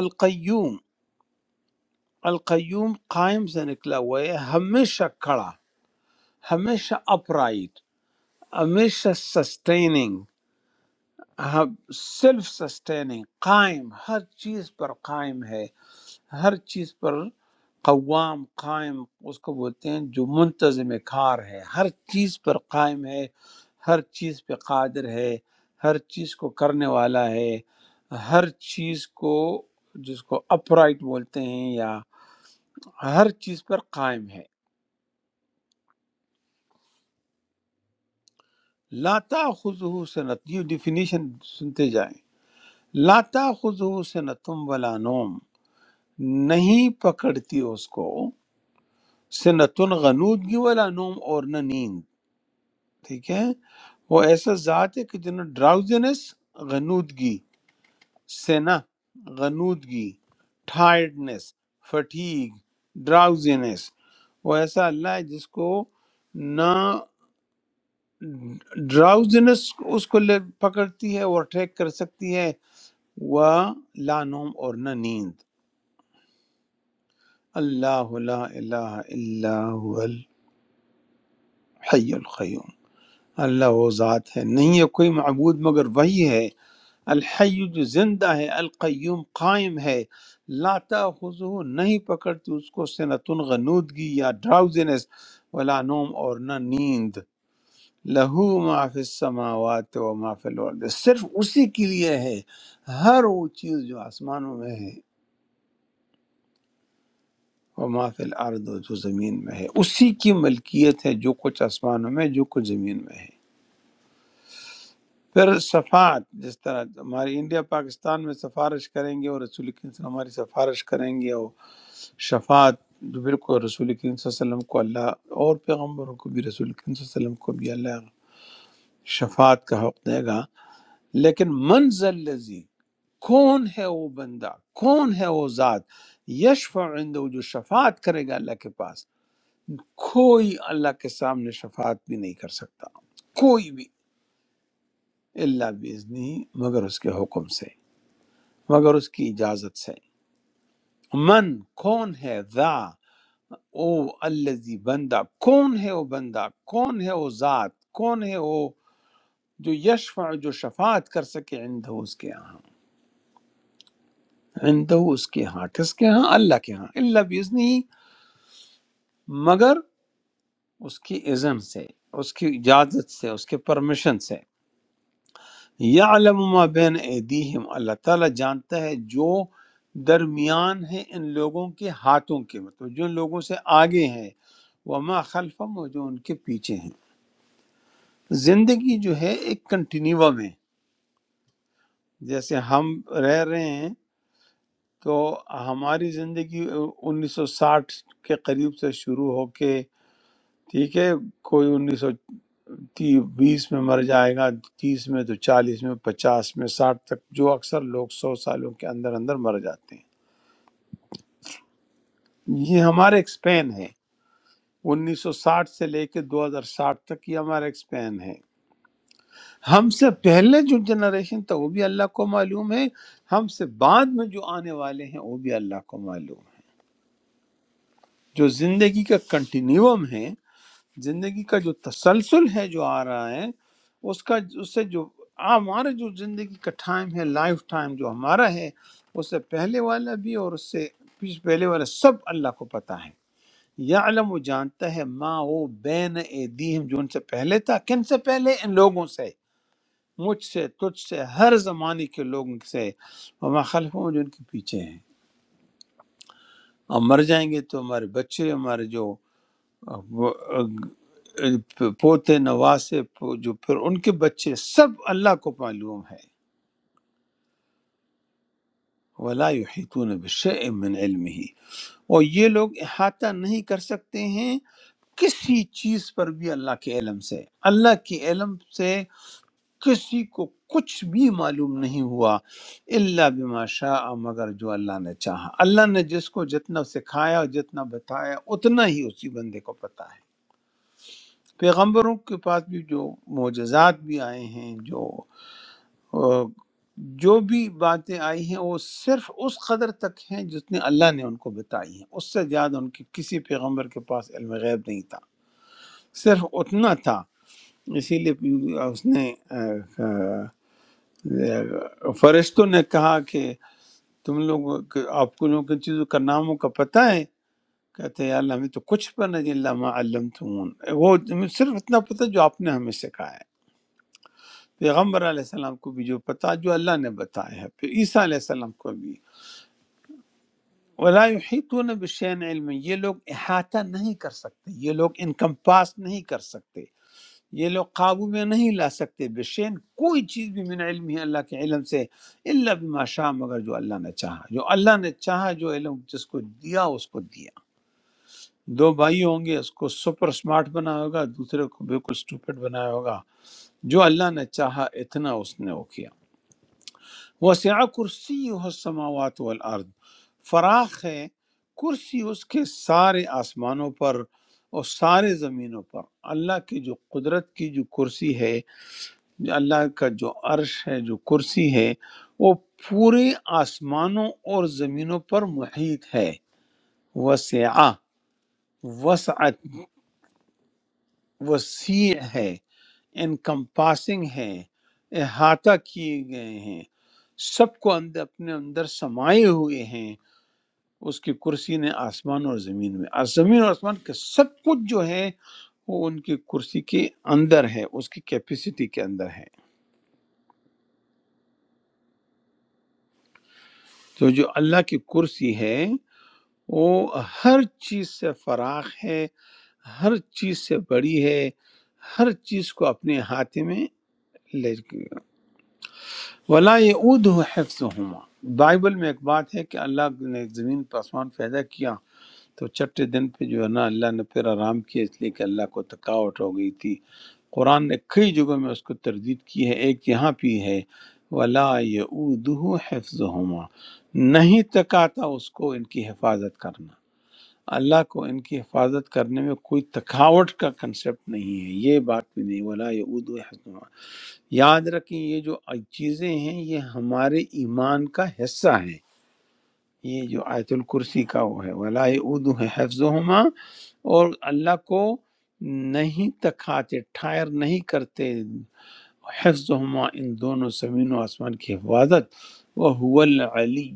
S1: القیوم القیوم قائم سے نکلا ہوا ہے ہمیشہ کھڑا ہمیشہ اپرائٹ ہمیشہ سسٹیننگ سیلف سسٹیننگ قائم ہر چیز پر قائم ہے ہر چیز پر قوام قائم اس کو بولتے ہیں جو منتظم کار ہے ہر چیز پر قائم ہے ہر چیز پہ قادر ہے ہر چیز کو کرنے والا ہے ہر چیز کو جس کو اپرائٹ بولتے ہیں یا ہر چیز پر قائم ہے لا تاخذہ سنت یہ ڈیفینیشن سنتے جائیں لا تاخذہ سنتم ولا نوم نہیں پکڑتی اس کو سنتن غنودگی ولا نوم اور نہ نیند ٹھیک ہے وہ ایسا ذات ہے کہ جنہوں ڈراؤزنس غنودگی سینا غنودگی ٹائرڈنس فٹیگ ڈراؤزنس وہ ایسا اللہ ہے جس کو نہ ڈراؤزنس اس کو لے پکڑتی ہے اور ٹریک کر سکتی ہے وہ لا نوم اور نہ نیند اللہ لا الہ الا هو الحی القیوم اللہ وہ ذات ہے نہیں ہے کوئی معبود مگر وہی ہے الحی جو زندہ ہے القیوم قائم ہے لا تاخذہ نہیں پکڑتی اس کو سنتن غنودگی یا ڈراؤزنس ولا نوم اور نہ نیند لہو ما فی السماوات و ما فی الارض صرف اسی کے لیے ہے ہر وہ چیز جو آسمانوں میں ہے و ما فی الارض اور جو زمین میں ہے اسی کی ملکیت ہے جو کچھ آسمانوں میں جو کچھ زمین میں ہے پھر صفات جس طرح ہماری انڈیا پاکستان میں سفارش کریں گے اور رسول کریم صلی اللہ علیہ وسلم ہماری سفارش کریں گے اور شفاعت جو بالکل رسول کریم صلی اللہ علیہ وسلم کو اللہ اور پیغمبروں کو بھی رسول کریم صلی اللہ علیہ وسلم کو بھی اللہ شفاعت کا حق دے گا لیکن منزل لذی کون ہے وہ بندہ کون ہے وہ ذات یشفع عنده جو شفاعت کرے گا اللہ کے پاس کوئی اللہ کے سامنے شفاعت بھی نہیں کر سکتا کوئی بھی اللہ باذنہ مگر اس کے حکم سے مگر اس کی اجازت سے من کون ہے ذا او الذی بندہ کون ہے وہ بندہ کون ہے وہ ذات کون ہے وہ جو یشفع جو شفاعت کر سکے عندہ اس کے ہاں عندہ اس کے ہاں کس کے ہاں اللہ کے ہاں اللہ بیزنی مگر اس کی اذن سے اس کی اجازت سے اس کے پرمیشن سے یعلم ما بین ایدیہم اللہ تعالیٰ جانتا ہے جو درمیان ہے ان لوگوں کے ہاتھوں کے مطلب جو ان لوگوں سے آگے ہیں وما خلفم اور جو ان کے پیچھے ہیں زندگی جو ہے ایک کنٹینیوم میں جیسے ہم رہ رہے ہیں تو ہماری زندگی انیس سو ساٹھ کے قریب سے شروع ہو کے ٹھیک ہے کوئی انیس سو بیس میں مر جائے گا تیس میں تو چالیس میں پچاس میں ساٹھ تک جو اکثر لوگ سو سالوں کے اندر اندر مر جاتے ہیں یہ ہمارا ایک سپین ہے انیس سو ساٹھ سے لے کے دو ہزار ساٹھ تک یہ ہمارا ایک سپین ہے ہم سے پہلے جو جنریشن تھا وہ بھی اللہ کو معلوم ہے ہم سے بعد میں جو آنے والے ہیں وہ بھی اللہ کو معلوم ہے جو زندگی کا کنٹینیوم ہے زندگی کا جو تسلسل ہے جو آ رہا ہے اس کا اس سے جو ہمارا جو زندگی کا ٹائم ہے لائف ٹائم جو ہمارا ہے اس سے پہلے والا بھی اور اس سے پیچھے پہلے والا سب اللہ کو پتہ ہے یا علم وہ جانتا ہے ماں وہ بین اے جو ان سے پہلے تھا کن سے پہلے ان لوگوں سے مجھ سے تجھ سے ہر زمانے کے لوگوں سے ہم خلف جو ان کے پیچھے ہیں ہم مر جائیں گے تو ہمارے بچے ہمارے جو آ، وہ، آ، پوتے نواسے پو- جو پھر ان کے بچے سب اللہ کو معلوم ہے ولا یحیطون بشیء من علمه اور یہ لوگ احاطہ نہیں کر سکتے ہیں کسی چیز پر بھی اللہ کے علم سے اللہ کے علم سے کسی کو کچھ بھی معلوم نہیں ہوا اللہ بما شاء مگر جو اللہ نے چاہا اللہ نے جس کو جتنا سکھایا اور جتنا بتایا اتنا ہی اسی بندے کو پتا ہے پیغمبروں کے پاس بھی جو معجزات بھی آئے ہیں جو آ، جو بھی باتیں آئی ہیں وہ صرف اس قدر تک ہیں جتنے اللہ نے ان کو بتائی ہیں اس سے زیادہ ان کے کسی پیغمبر کے پاس علم غیب نہیں تھا صرف اتنا تھا اسی لیے اس نے آ، آ، فرشتوں نے کہا کہ تم لوگوں کہ آپ کو لوگوں کی چیزوں کا ناموں کا پتہ ہے کہتے ہیں یا اللہ ہمیں تو کچھ پر نہیں اللہ ما علمتمون وہ ہمیں صرف اتنا پتہ جو آپ نے ہمیں سکھایا ہے پیغمبر علیہ السلام کو بھی جو پتہ جو اللہ نے بتایا ہے پھر عیسیٰ علیہ السلام کو بھی ولا یحیطون بشیء علم یہ لوگ احاطہ نہیں کر سکتے یہ لوگ انکم پاس نہیں کر سکتے یہ لوگ قابو میں نہیں لا سکتے بے شین کوئی چیز بھی من علم ہی اللہ کے علم سے اللہ بما شاء مگر جو اللہ نے چاہا جو اللہ نے چاہا جو علم جس کو دیا اس کو دیا دو بھائی ہوں گے اس کو سپر سمارٹ بنایا ہوگا دوسرے کو بالکل سٹوپڈ بنایا ہوگا جو اللہ نے چاہا اتنا اس نے وہ کیا وسع کرسی السماوات والارض فراخ ہے کرسی اس کے سارے آسمانوں پر اور سارے زمینوں پر اللہ کی جو قدرت کی جو کرسی ہے اللہ کا جو عرش ہے جو کرسی ہے وہ پورے آسمانوں اور زمینوں پر محیط ہے وسیع وسعت وسیع ہے انکمپاسنگ ہے احاطہ کیے گئے ہیں سب کو اندر اپنے اندر سمائے ہوئے ہیں اس کی کرسی نے آسمان اور زمین میں آس- زمین اور آسمان کے سب کچھ جو ہے وہ ان کی کرسی کے اندر ہے اس کی کیپیسٹی کے اندر ہے تو جو اللہ کی کرسی ہے وہ ہر چیز سے فراخ ہے ہر چیز سے بڑی ہے ہر چیز کو اپنے ہاتھ میں لے کے ولا یعود حفظ ہما بائبل میں ایک بات ہے کہ اللہ نے زمین پر آسمان پیدا کیا تو چھٹے دن پہ جو ہے نا اللہ نے پھر آرام کیا اس لیے کہ اللہ کو تھکاوٹ ہو گئی تھی قرآن نے کئی جگہوں میں اس کو تردید کی ہے ایک یہاں بھی ہے ولا یعود حفظ نہیں تکاتا اس کو ان کی حفاظت کرنا اللہ کو ان کی حفاظت کرنے میں کوئی تھکاوٹ کا کنسپٹ نہیں ہے یہ بات بھی نہیں ولا یعود یاد رکھیں یہ جو چیزیں ہیں یہ ہمارے ایمان کا حصہ ہیں یہ جو آیت الکرسی کا وہ ہے ولا یعود حفظہما اور اللہ کو نہیں تکھاتے ٹھائر نہیں کرتے حفظہما ان دونوں زمین و آسمان کی حفاظت وہ العلی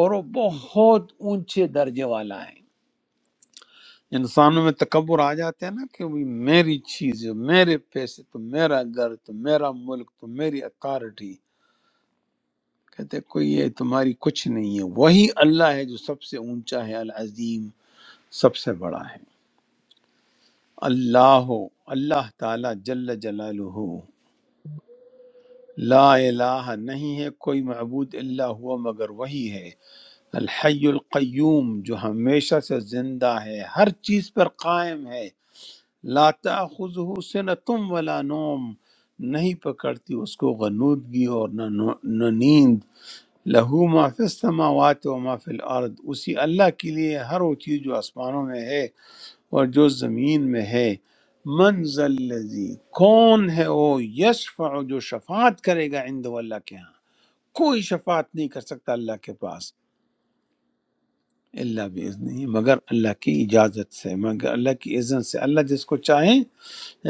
S1: اور وہ بہت اونچے درجے والا ہے انسانوں میں تکبر آ جاتا ہے نا کہ بھئی میری چیز ہے میرے پیسے تو میرا گھر تو میرا ملک تو میری اتھارٹی کہتے ہیں کوئی یہ تمہاری کچھ نہیں ہے وہی اللہ ہے جو سب سے اونچا ہے العظیم سب سے بڑا ہے اللہ ہو اللہ تعالی جل جلالہ لا الہ نہیں ہے کوئی معبود اللہ ہوا مگر وہی ہے الحی القیوم جو ہمیشہ سے زندہ ہے ہر چیز پر قائم ہے لا تاخذہ سنتم ولا نوم نہیں پکڑتی اس کو غنودگی اور نہ نو- نہ نیند لہو ما فی السماوات و ما فی الارض اسی اللہ کے لیے ہر وہ چیز جو آسمانوں میں ہے اور جو زمین میں ہے من ذا الذی کون ہے وہ یشفع جو شفاعت کرے گا عند اللہ کے ہاں کوئی شفاعت نہیں کر سکتا اللہ کے پاس اللہ باذنہ مگر اللہ کی اجازت سے مگر اللہ کی اذن سے اللہ جس کو چاہے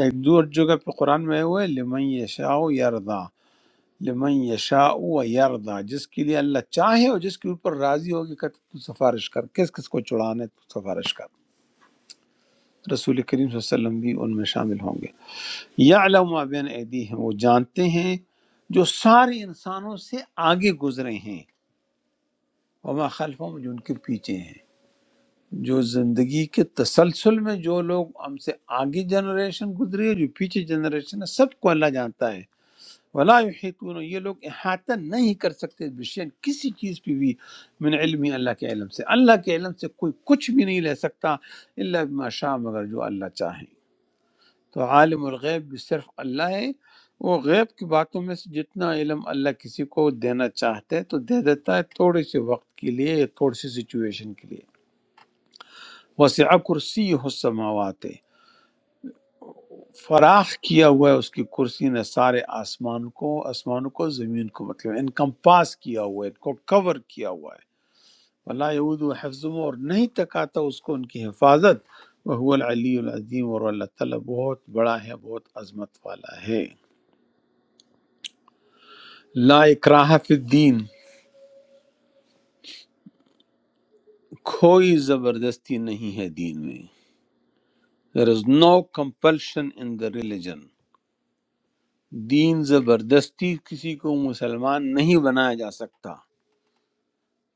S1: ایک دور جگہ پہ قرآن میں ہوئے لمن یشاء یردا لمن یشاء و یردا جس کے لیے اللہ چاہے اور جس کے اوپر راضی ہوگی کہ تو سفارش کر کس کس کو چڑھانے تو سفارش کر رسول کریم صلی اللہ علیہ وسلم بھی ان میں شامل ہوں گے یعلم ما بین ایدیہم وہ جانتے ہیں جو سارے انسانوں سے آگے گزرے ہیں وما خلفہم جو ان کے پیچھے ہیں جو زندگی کے تسلسل میں جو لوگ ہم سے آگے جنریشن گزری ہے جو پیچھے جنریشن ہے سب کو اللہ جانتا ہے ولا یحیطون یہ لوگ احاطہ نہیں کر سکتے بشین کسی چیز پہ بھی من علمی اللہ کے علم سے اللہ کے علم سے کوئی کچھ بھی نہیں لے سکتا اللہ بما شاء مگر جو اللہ چاہے تو عالم الغیب بھی صرف اللہ ہے وہ غیب کی باتوں میں سے جتنا علم اللہ کسی کو دینا چاہتا ہے تو دے دیتا ہے تھوڑے سے وقت کے لیے یا تھوڑی سی سچویشن کے لیے وسیع کرسی ہو سماوات فراخ کیا ہوا ہے اس کی کرسی نے سارے آسمان کو آسمانوں کو زمین کو مطلب انکمپاس کیا ہوا ہے ان کو کور کیا ہوا ہے اللہ یعود و اور نہیں تکاتا اس کو ان کی حفاظت وہ العلی العظیم اور اللہ تعالیٰ بہت بڑا ہے بہت عظمت والا ہے لا اکراہ فی الدین کوئی زبردستی نہیں ہے دین میں there is no compulsion in the religion دین زبردستی کسی کو مسلمان نہیں بنایا جا سکتا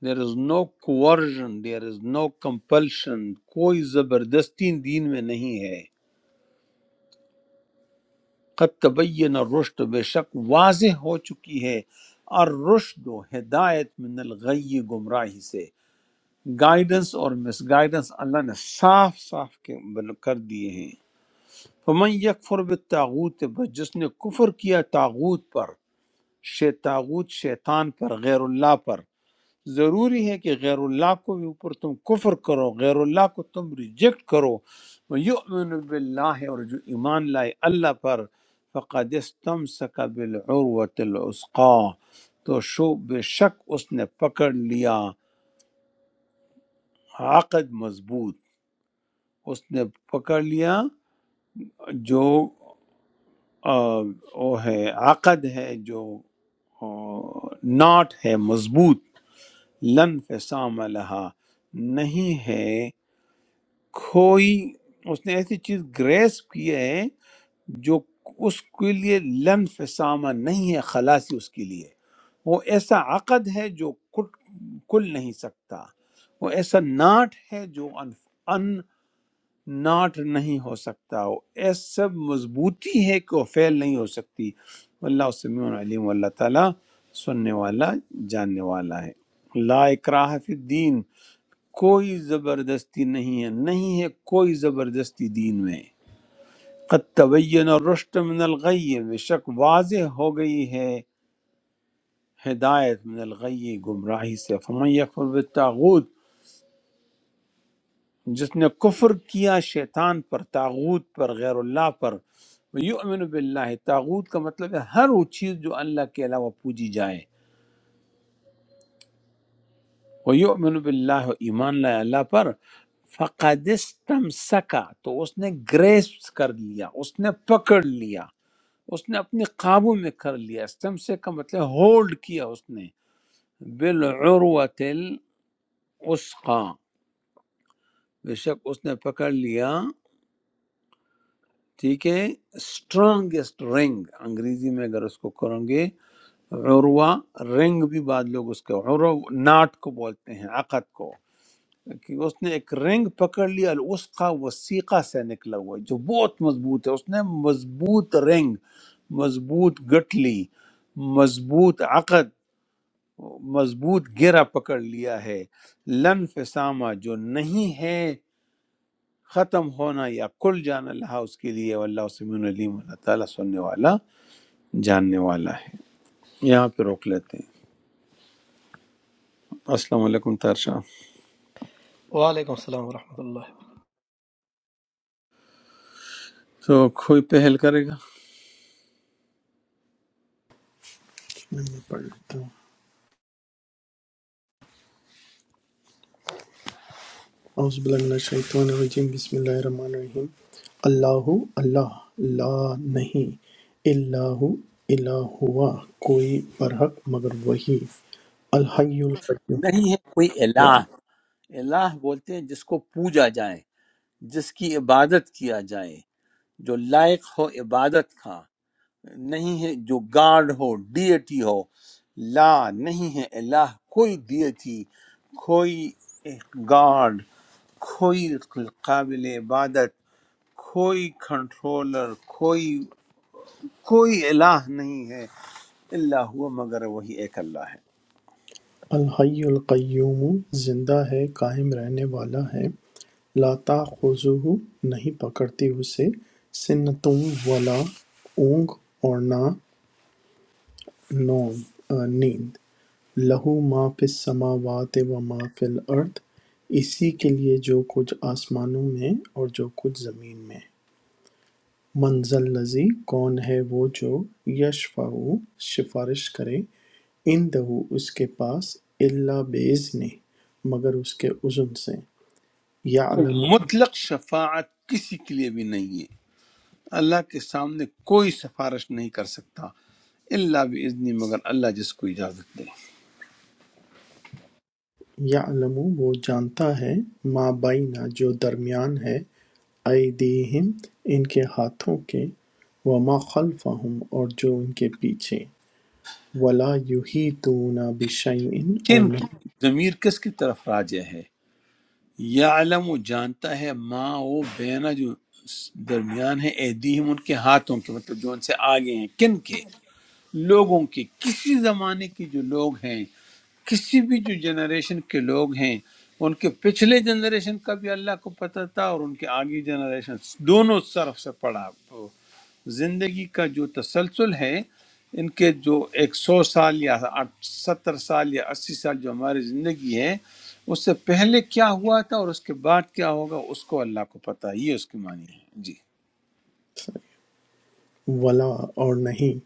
S1: دیر از no coercion there is no compulsion کوئی زبردستی دین میں نہیں ہے قد تبین الرشد بے شک واضح ہو چکی ہے الرشد و ہدایت من الغی گمراہی سے گائیڈنس اور مس گائیڈنس اللہ نے صاف صاف کے- بن- کر دیے ہیں فمن یکفر بالتاغوت بس جس نے کفر کیا تاغوت پر شے تاغوت شیطان پر غیر اللہ پر ضروری ہے کہ غیر اللہ کو بھی اوپر تم کفر کرو غیر اللہ کو تم ریجیکٹ کرو یؤمن باللہ اور جو ایمان لائے اللہ پر فقد استمسک بالعروۃ العسقا تو شو بے شک اس نے پکڑ لیا عقد مضبوط اس نے پکڑ لیا جو آ، وہ ہے عقد ہے جو آ، ناٹ ہے مضبوط لن فسام لہا نہیں ہے کوئی اس نے ایسی چیز گریس کی ہے جو اس کے لیے لن فسامہ نہیں ہے خلاصی اس کے لیے وہ ایسا عقد ہے جو کٹ کل نہیں سکتا وہ ایسا ناٹ ہے جو ان, ان ناٹ نہیں ہو سکتا وہ ایسا مضبوطی ہے کہ وہ فیل نہیں ہو سکتی اللہ سمیع علیم اللہ تعالیٰ سننے والا جاننے والا ہے لا اکراہ فی الدین کوئی زبردستی نہیں ہے نہیں ہے کوئی زبردستی دین میں قد تبین الرشد من الغی بے شک واضح ہو گئی ہے ہدایت من الغی گمراہی سے فمن یکفر بالتاغوت جس نے کفر کیا شیطان پر تاغوت پر غیر اللہ پر یؤمن باللہ تاغوت کا مطلب ہے ہر وہ چیز جو اللہ کے علاوہ پوجی جائے وہ یؤمن باللہ ایمان لائے اللہ پر فقد استمسکا تو اس نے گریس کر لیا اس نے پکڑ لیا اس نے اپنے قابو میں کر لیا استمسک کا مطلب ہولڈ کیا اس نے بالعروت الوثقا بے شک اس نے پکڑ لیا ٹھیک ہے اسٹرانگیسٹ رنگ انگریزی میں اگر اس کو کریں گے عروہ رنگ بھی بعد لوگ اس کے عرو ناٹ کو بولتے ہیں عقد کو کہ اس نے ایک رنگ پکڑ لی الوسقا وسیقہ سے نکلا ہوا ہے، جو بہت مضبوط ہے اس نے مضبوط رنگ مضبوط گٹھلی مضبوط عقد مضبوط گرا پکڑ لیا ہے لن فسامہ جو نہیں ہے ختم ہونا یا کل جانا لہا اس کے لیے واللہ سمین علیم اللہ تعالیٰ سننے والا جاننے والا ہے یہاں پہ روک لیتے ہیں السلام علیکم تارشاہ
S6: وعليكم السلام ورحمة الله
S1: تو کوئی پہل کرے گا
S4: میں بھی پڑھ لیتا ہوں اعوذ باللہ من الشیطان الرجیم بسم اللہ الرحمن الرحیم اللہ اللہ لا نہیں اللہ الہ ہوا کوئی برحق مگر وہی الحی القیوم
S1: نہیں ہے کوئی الہ الہ بولتے ہیں جس کو پوجا جائے جس کی عبادت کیا جائے جو لائق ہو عبادت کا نہیں ہے جو گاڈ ہو ڈیٹی ہو لا نہیں ہے الہ کوئی ڈیٹی کوئی گاڈ کوئی قابل عبادت کوئی کنٹرولر کوئی کوئی الہ نہیں ہے اللہ ہوا مگر وہی ایک اللہ ہے
S4: الحی القیوم زندہ ہے قائم رہنے والا ہے لا تأخذہ نہیں پکڑتی اسے سنۃ ولا اونگ اور نہ نوم نیند لہو ما فی السماوات و ما فی الارض اسی کے لیے جو کچھ آسمانوں میں اور جو کچھ زمین میں مَنْذَا الَّذِی کون ہے وہ جو یَشْفَعُ سفارش کرے عِندَہُ اس کے پاس اِلَّا بِإِذْنِہ مگر اس کے اذن سے یعلم
S1: مطلق شفاعت کسی کے لیے بھی نہیں ہے اللہ کے سامنے کوئی سفارش نہیں کر سکتا اللہ باذنی مگر اللہ جس کو اجازت دے
S4: یعلم وہ جانتا ہے ما بینہ جو درمیان ہے ایدیہم ان کے ہاتھوں کے وما خلفہم اور جو ان کے پیچھے ولا یحیطون بشیء اور
S1: کن کی
S4: نہیں
S1: ضمیر کس کی طرف راجع ہے یعلم و جانتا ہے ما وہ بینا جو اس درمیان ہے ایدیہم ان کے ہاتھوں کے مطلب جو ان سے آگے ہیں کن کے لوگوں کے کسی زمانے کے جو لوگ ہیں کسی بھی جو جنریشن کے لوگ ہیں ان کے پچھلے جنریشن کا بھی اللہ کو پتہ تھا اور ان کے آگے جنریشن دونوں طرف سے پڑا زندگی کا جو تسلسل ہے ان کے جو ایک سو سال یا آٹھ- ستر سال یا اسی سال جو ہماری زندگی ہے اس سے پہلے کیا ہوا تھا اور اس کے بعد کیا ہوگا اس کو اللہ کو پتہ ہے۔ یہ اس کی معنی ہے جی
S4: ولا اور نہیں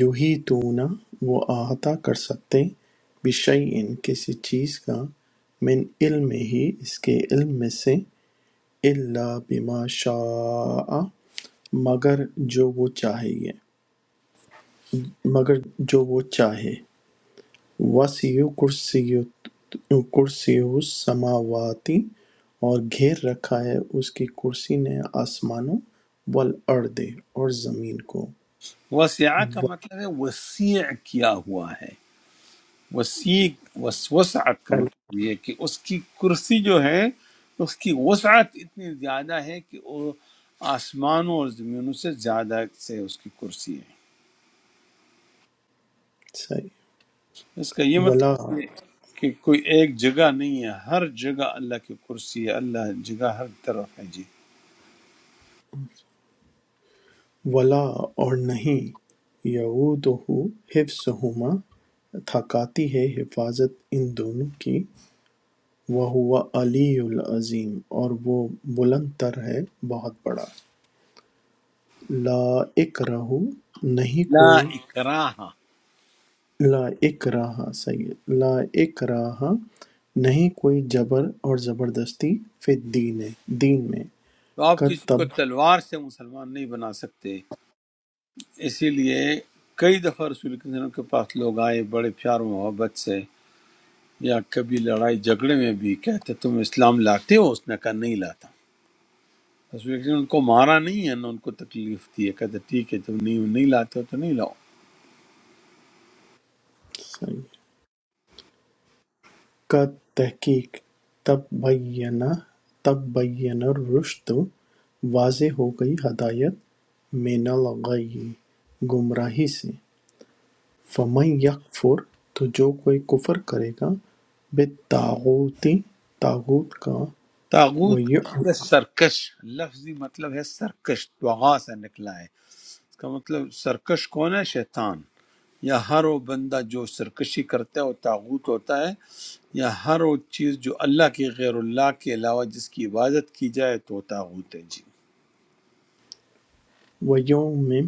S4: یحیطون وہ احاطہ کر سکتے بشیء کسی چیز کا من علمہ اس کے علم میں سے الا بما شاء مگر جو وہ چاہیے مگر جو وہ چاہے وسیع کرسی کرسی السماواتی اور گھیر رکھا ہے اس کی کرسی نے آسمانوں والارض اور زمین کو
S1: وسیع کا مطلب ہے وسیع کیا ہوا ہے وسیع وس- وسعت کا
S4: وَسَعَ-
S1: مطلب یہ ہے کہ اس کی کرسی جو ہے اس کی وسعت اتنی زیادہ ہے کہ وہ آسمانوں اور زمینوں سے زیادہ سے اس کی کرسی ہے
S4: صحیح
S1: اس کا یہ
S4: ولا
S1: مطلب یہ ہے کہ کوئی ایک جگہ نہیں ہے ہر جگہ اللہ کی کرسی ہے اللہ جگہ ہر طرف ہے جی
S4: ولا اور نہیں یعودہ حفظہما تھکاتی ہے حفاظت ان دونوں کی وہو علی العظیم اور وہ بلند تر ہے بہت بڑا لا اکرہ نہیں
S1: لا
S4: کوئی
S1: اکراہ
S4: لا اکراہ سید لا اکراہ نہیں کوئی جبر اور زبردستی فی الدین دین میں
S1: تو آپ کسی
S4: کتب
S1: کو تلوار سے مسلمان نہیں بنا سکتے اسی لیے کئی دفعہ رسول کریم صلی اللہ علیہ وسلم کے پاس لوگ آئے بڑے پیار و محبت سے یا کبھی لڑائی جھگڑے میں بھی کہتے تم اسلام لاتے ہو اس نے کہا نہیں لاتا رسول اکرم نے ان کو مارا نہیں ہے نہ ان کو تکلیف دی ہے کہتے ٹھیک ہے تم نہیں نہیں لاتے ہو تو نہیں لاؤ
S4: کا تحقیق تبین الرشد واضح ہو گئی ہدایت من الغی گمراہی سے فَمَن یَکْفُرْ تو جو کوئی کفر کرے گا بالطاغوت طاغوت کا
S1: تاغوت کا مطلب ہے سرکش لفظی مطلب ہے سرکش توغا سے نکلا ہے اس کا مطلب سرکش کون ہے شیطان یا ہر وہ بندہ جو سرکشی کرتا ہے وہ تاغوت ہوتا ہے یا ہر وہ چیز جو اللہ کی غیر اللہ کے علاوہ جس کی عبادت کی جائے تو وہ تاغوت ہے جی
S4: وَیُؤْمِن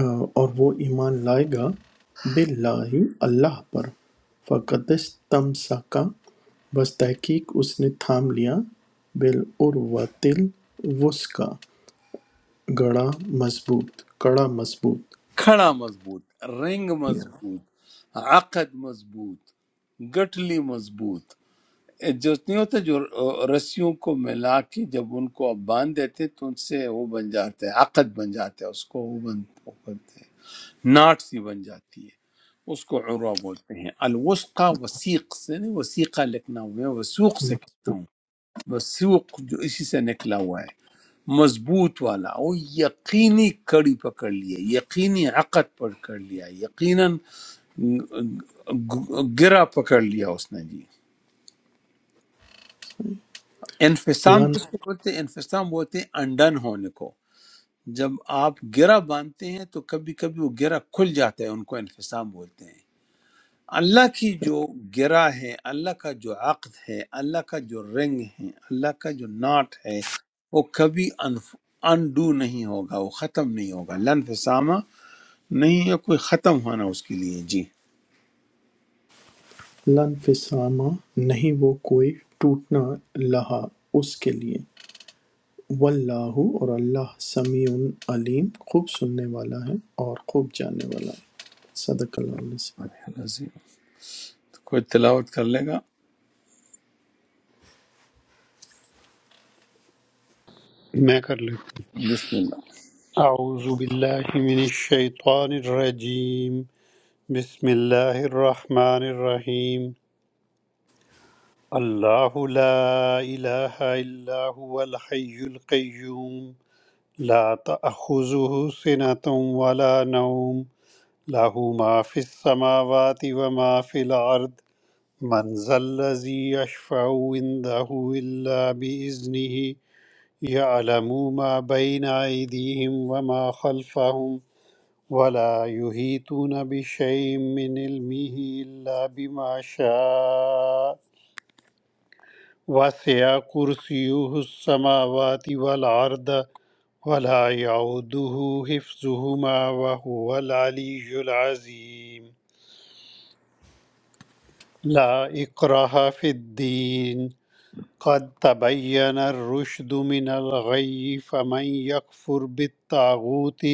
S4: اور وہ ایمان لائے گا باللہ اللہ پر فقد استمسکا بس تحقیق اس نے تھام لیا بالعروۃ الوثقا گڑا مضبوط کڑا مضبوط
S1: کھڑا مضبوط رنگ مضبوط عقد مضبوط گٹلی مضبوط جو نہیں ہوتا جو رسیوں کو ملا کے جب ان کو آپ باندھ دیتے تو ان سے وہ بن جاتے ہیں عقد بن جاتے ہیں اس کو وہ بن وہ بنتے ہیں ناٹ سی بن جاتی ہے اس کو عروہ بولتے ہیں الوسقہ وسیق سے نہیں وسیقہ لکھنا ہوا ہے وسوق سے کہتا ہوں وسوق جو اسی سے نکلا ہوا ہے مضبوط والا وہ یقینی کڑی پکڑ لیا یقینی عقد پکڑ لیا یقیناً گرا پکڑ لیا اس نے جی انفسام
S4: لن
S1: کس کو بولتے ہیں انفسام بولتے ہیں انڈن ہونے کو جب آپ گرا باندھتے ہیں تو کبھی کبھی وہ گرا کھل جاتا ہے ان کو انفسام بولتے ہیں اللہ کی جو گرا ہے اللہ کا جو عقد ہے اللہ کا جو رنگ ہے اللہ کا جو ناٹ ہے وہ کبھی انڈو نہیں ہوگا وہ ختم نہیں ہوگا لنفسامہ نہیں ہے کوئی ختم ہونا اس کے لیے جی
S4: لن فسامہ نہیں وہ کوئی ٹوٹنا لہا اس کے لیے واللہ اور اللہ سمیع علیم خوب سننے والا ہے اور خوب جاننے والا ہے صدق اللہ علیہ وسلم۔
S1: العظیم۔ تو کوئی تلاوت کر لے گا
S3: میں کر لیتا
S1: بسم اللہ
S3: ہوں۔ اعوذ باللہ من الشیطان الرجیم بسم اللہ الرحمن الرحیم اللہ لا الہ الا هو الحی القیوم لا تأخذه سنة ولا نوم له ما في السماوات وما في الأرض من ذا الذي يشفع عنده إلا بإذنه يعلم ما بين أيديهم وما خلفهم ولا يحيطون بشيء من علمه إلا بما شاء وسع كرسيه السماوات والأرض ولا يعوده حفظهما وهو العلي العظيم لا إكراه في الدين قد تبين الرشد من الغي فمن يكفر بالطاغوت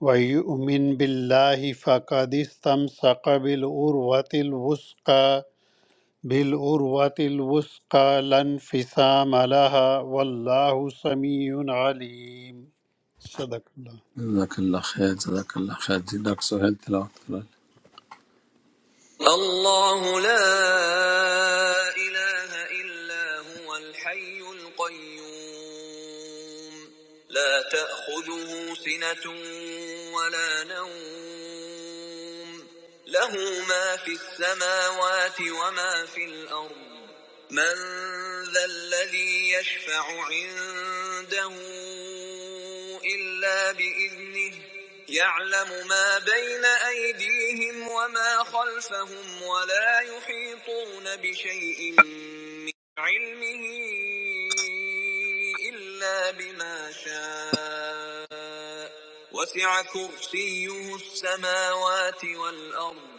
S3: ويؤمن بالله فقد استمسك بالعروة الوثقى بالعروة الوثقى لا انفصام لها والله سميع عليم صدق الله
S1: جزاک اللہ خیر جزاک اللہ خیر جی ڈاکٹر سہیل تلاوت کرا لیں
S4: الله لا إله إلا هو الحي القيوم لا تأخذه سنة ولا نوم له ما في السماوات وما في الأرض من ذا الذي يشفع عنده إلا بإذنه يعلم ما بين أيديهم وما خلفهم ولا يحيطون بشيء من علمه إلا بما شاء وسع كرسيه السماوات والأرض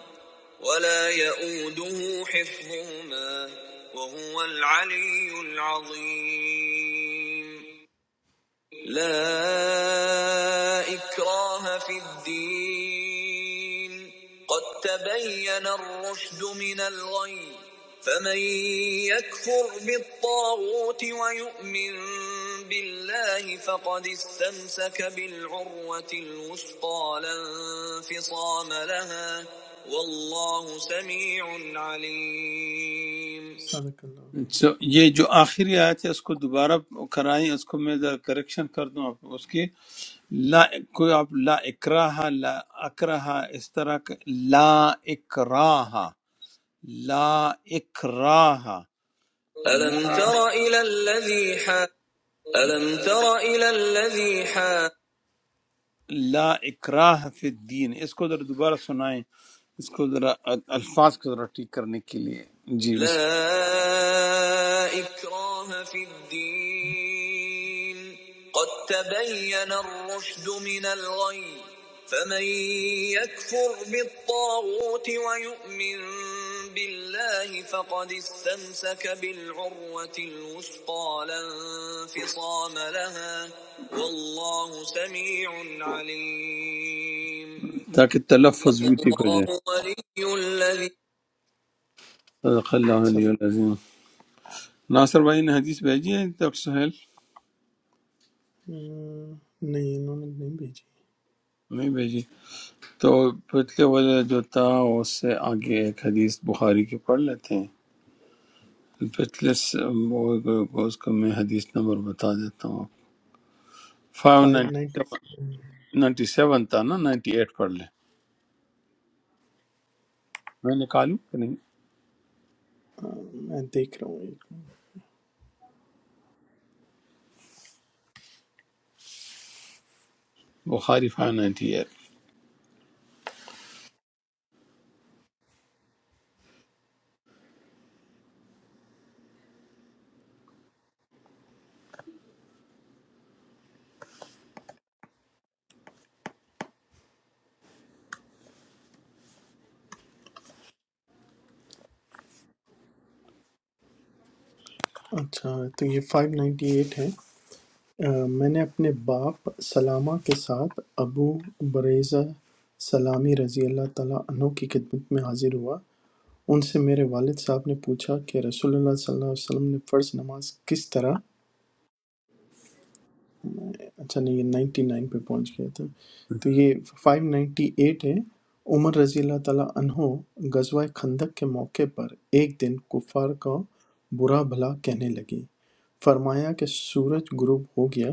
S4: ولا يؤوده حفظهما وهو العلي العظيم لا إكراه في الدين قد تبين الرشد من الغي فمن يكفر بالطاغوت ويؤمن بالله فقد استمسك بالعروة الوثقى لا انفصام لها والله سميع عليم صدق الله
S1: So, یہ جو آخری آیت ہے اس کو دوبارہ کرائیں اس کو میں ذرا کریکشن کر دوں آپ اس کی لا کوئی آپ لا اکراہ لا اکراہ اس طرح کا لا اکراہ لا اکراہ
S4: ألم تر إلى الذي حاج ألم تر إلى الذي حاج
S1: لا اکراہ فی الدین اس کو ذرا دوبارہ سنائیں اس کو ذرا ال- الفاظ کو ذرا ٹھیک کرنے کے لیے جی بس
S4: لا إكراه في الدين قد تبين الرشد من الغي فمن يكفر بالطاغوت ويؤمن بالله فقد استمسك بالعروة الوثقى لا انفصام لها والله سميع عليم
S1: تاکہ تلفظ بھی ٹھیک ہو جائے
S4: الله ولی الذی
S1: صدق اللہ علیہ
S4: سب-
S1: العظیم ناصر بھائی نے حدیث بھیجی ہے ڈاکٹر سہیل
S4: آہ، نہیں انہوں نے نہیں بھیجی
S1: نہیں بھیجی تو پچھلے والا جو تھا اس سے آگے ایک حدیث بخاری کی پڑھ لیتے ہیں پچھلے س- وہ- اس کو میں حدیث نمبر بتا دیتا ہوں five
S4: five ninety
S1: ninety seven تھا نا نائنٹی ایٹ پڑھ لیں میں نکالوں کہ نہیں
S4: میں دیکھ رہا ہوں ایک
S1: بخاری فائیو
S4: اچھا تو یہ فائیو نائنٹی ایٹ ہے آہ، میں نے اپنے باپ سلامہ کے ساتھ ابو بریزہ سلامی رضی اللہ تعالیٰ عنہ کی خدمت میں حاضر ہوا ان سے میرے والد صاحب نے پوچھا کہ رسول اللہ صلی اللہ علیہ وسلم نے فرض نماز کس طرح اچھا نہیں یہ نائنٹی نائن پہ پہنچ گیا تھا تو یہ فائیو نائنٹی ایٹ ہے عمر رضی اللہ تعالیٰ عنہ غزوہ خندق کے موقع پر ایک دن کفار کا برا بھلا کہنے لگے فرمایا کہ سورج غروب ہو گیا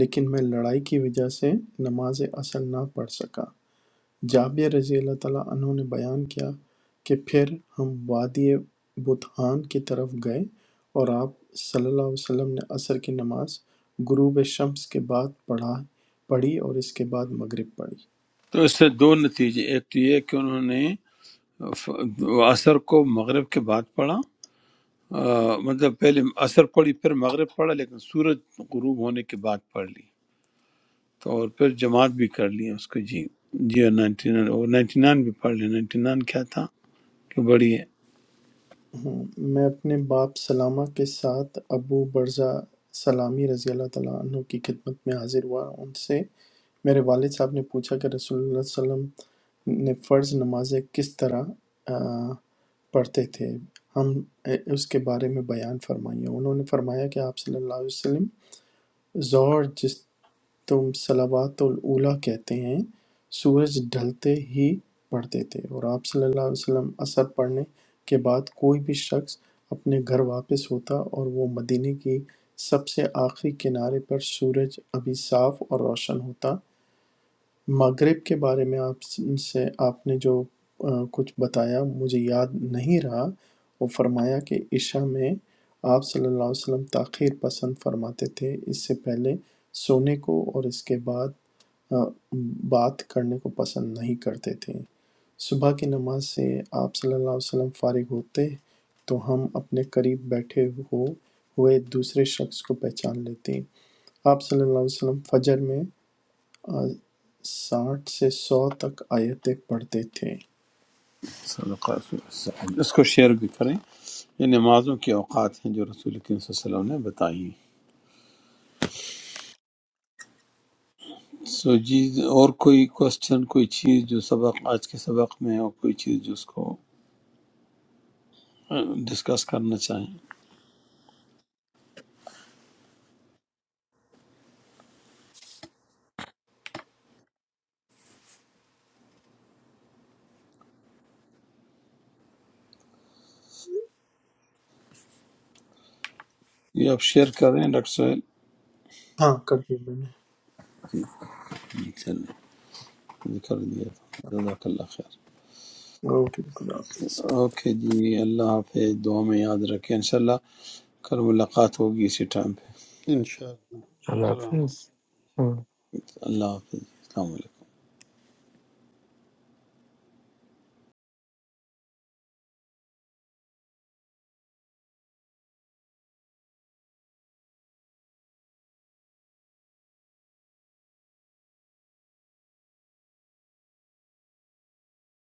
S4: لیکن میں لڑائی کی وجہ سے نماز اصل نہ پڑھ سکا جابر رضی اللہ تعالیٰ عنہ نے بیان کیا کہ پھر ہم وادی بطحان کی طرف گئے اور آپ صلی اللہ علیہ وسلم نے عصر کی نماز غروب شمس کے بعد پڑھا پڑھی اور اس کے بعد مغرب پڑھی
S1: تو اس سے دو نتیجے ایک تو یہ کہ انہوں نے ف- عصر کو مغرب کے بعد پڑھا آ، مطلب پہلے عصر پڑھی پھر مغرب پڑھا لیکن سورج غروب ہونے کے بعد پڑھ لی تو اور پھر جماعت بھی کر لی اس کو جی جی نائنٹی نائن اور نائنٹی نائن بھی پڑھ لیا نائنٹی نائن کیا تھا کہ بڑی ہے
S4: ہوں۔ میں اپنے باپ سلامہ کے ساتھ ابو برزہ سلامی رضی اللہ تعالیٰ عنہ کی خدمت میں حاضر ہوا ان سے میرے والد صاحب نے پوچھا کہ رسول اللہ صلی اللہ علیہ وسلم نے فرض نمازیں کس طرح آ، پڑھتے تھے ہم اس کے بارے میں بیان فرمائیے انہوں نے فرمایا کہ آپ صلی اللہ علیہ وسلم ظہر جس تم صلوات الاولیٰ کہتے ہیں سورج ڈھلتے ہی پڑھتے تھے اور آپ صلی اللہ علیہ وسلم اثر پڑھنے کے بعد کوئی بھی شخص اپنے گھر واپس ہوتا اور وہ مدینے کی سب سے آخری کنارے پر سورج ابھی صاف اور روشن ہوتا مغرب کے بارے میں آپ سے آپ نے جو آ، کچھ بتایا مجھے یاد نہیں رہا وہ فرمایا کہ عشاء میں آپ صلی اللہ علیہ وسلم تاخیر پسند فرماتے تھے اس سے پہلے سونے کو اور اس کے بعد آ، بات کرنے کو پسند نہیں کرتے تھے صبح کی نماز سے آپ صلی اللہ علیہ وسلم فارغ ہوتے تو ہم اپنے قریب بیٹھے ہو ہوئے دوسرے شخص کو پہچان لیتے آپ صلی اللہ علیہ وسلم فجر میں ساٹھ سے سو تک آیتیں پڑھتے تھے
S1: صدقہ رسول اللہ صلی اللہ علیہ وسلم۔ اس کو شیئر بھی کریں یہ نمازوں کے اوقات ہیں جو رسول کریم صلی اللہ علیہ وسلم نے بتائی ہیں سو جی اور کوئی کوشچن کوئی چیز جو سبق آج کے سبق میں اور کوئی چیز جو اس کو ڈسکس کرنا چاہیں یہ آپ شیئر کریں ڈاکٹر سہیل
S4: ہاں کر دیا میں نے
S1: چلیں کر دیا تھا جزاک اللہ خیر
S4: اوکے خدا حافظ
S1: اوکے جی اللہ حافظ دعا میں یاد رکھیں انشاءاللہ کل ملاقات ہوگی اسی ٹائم پہ
S3: إن شاء الله
S2: है। अल्लाह
S3: السلام
S2: हाफिज़।
S1: اللہ حافظ السلام علیکم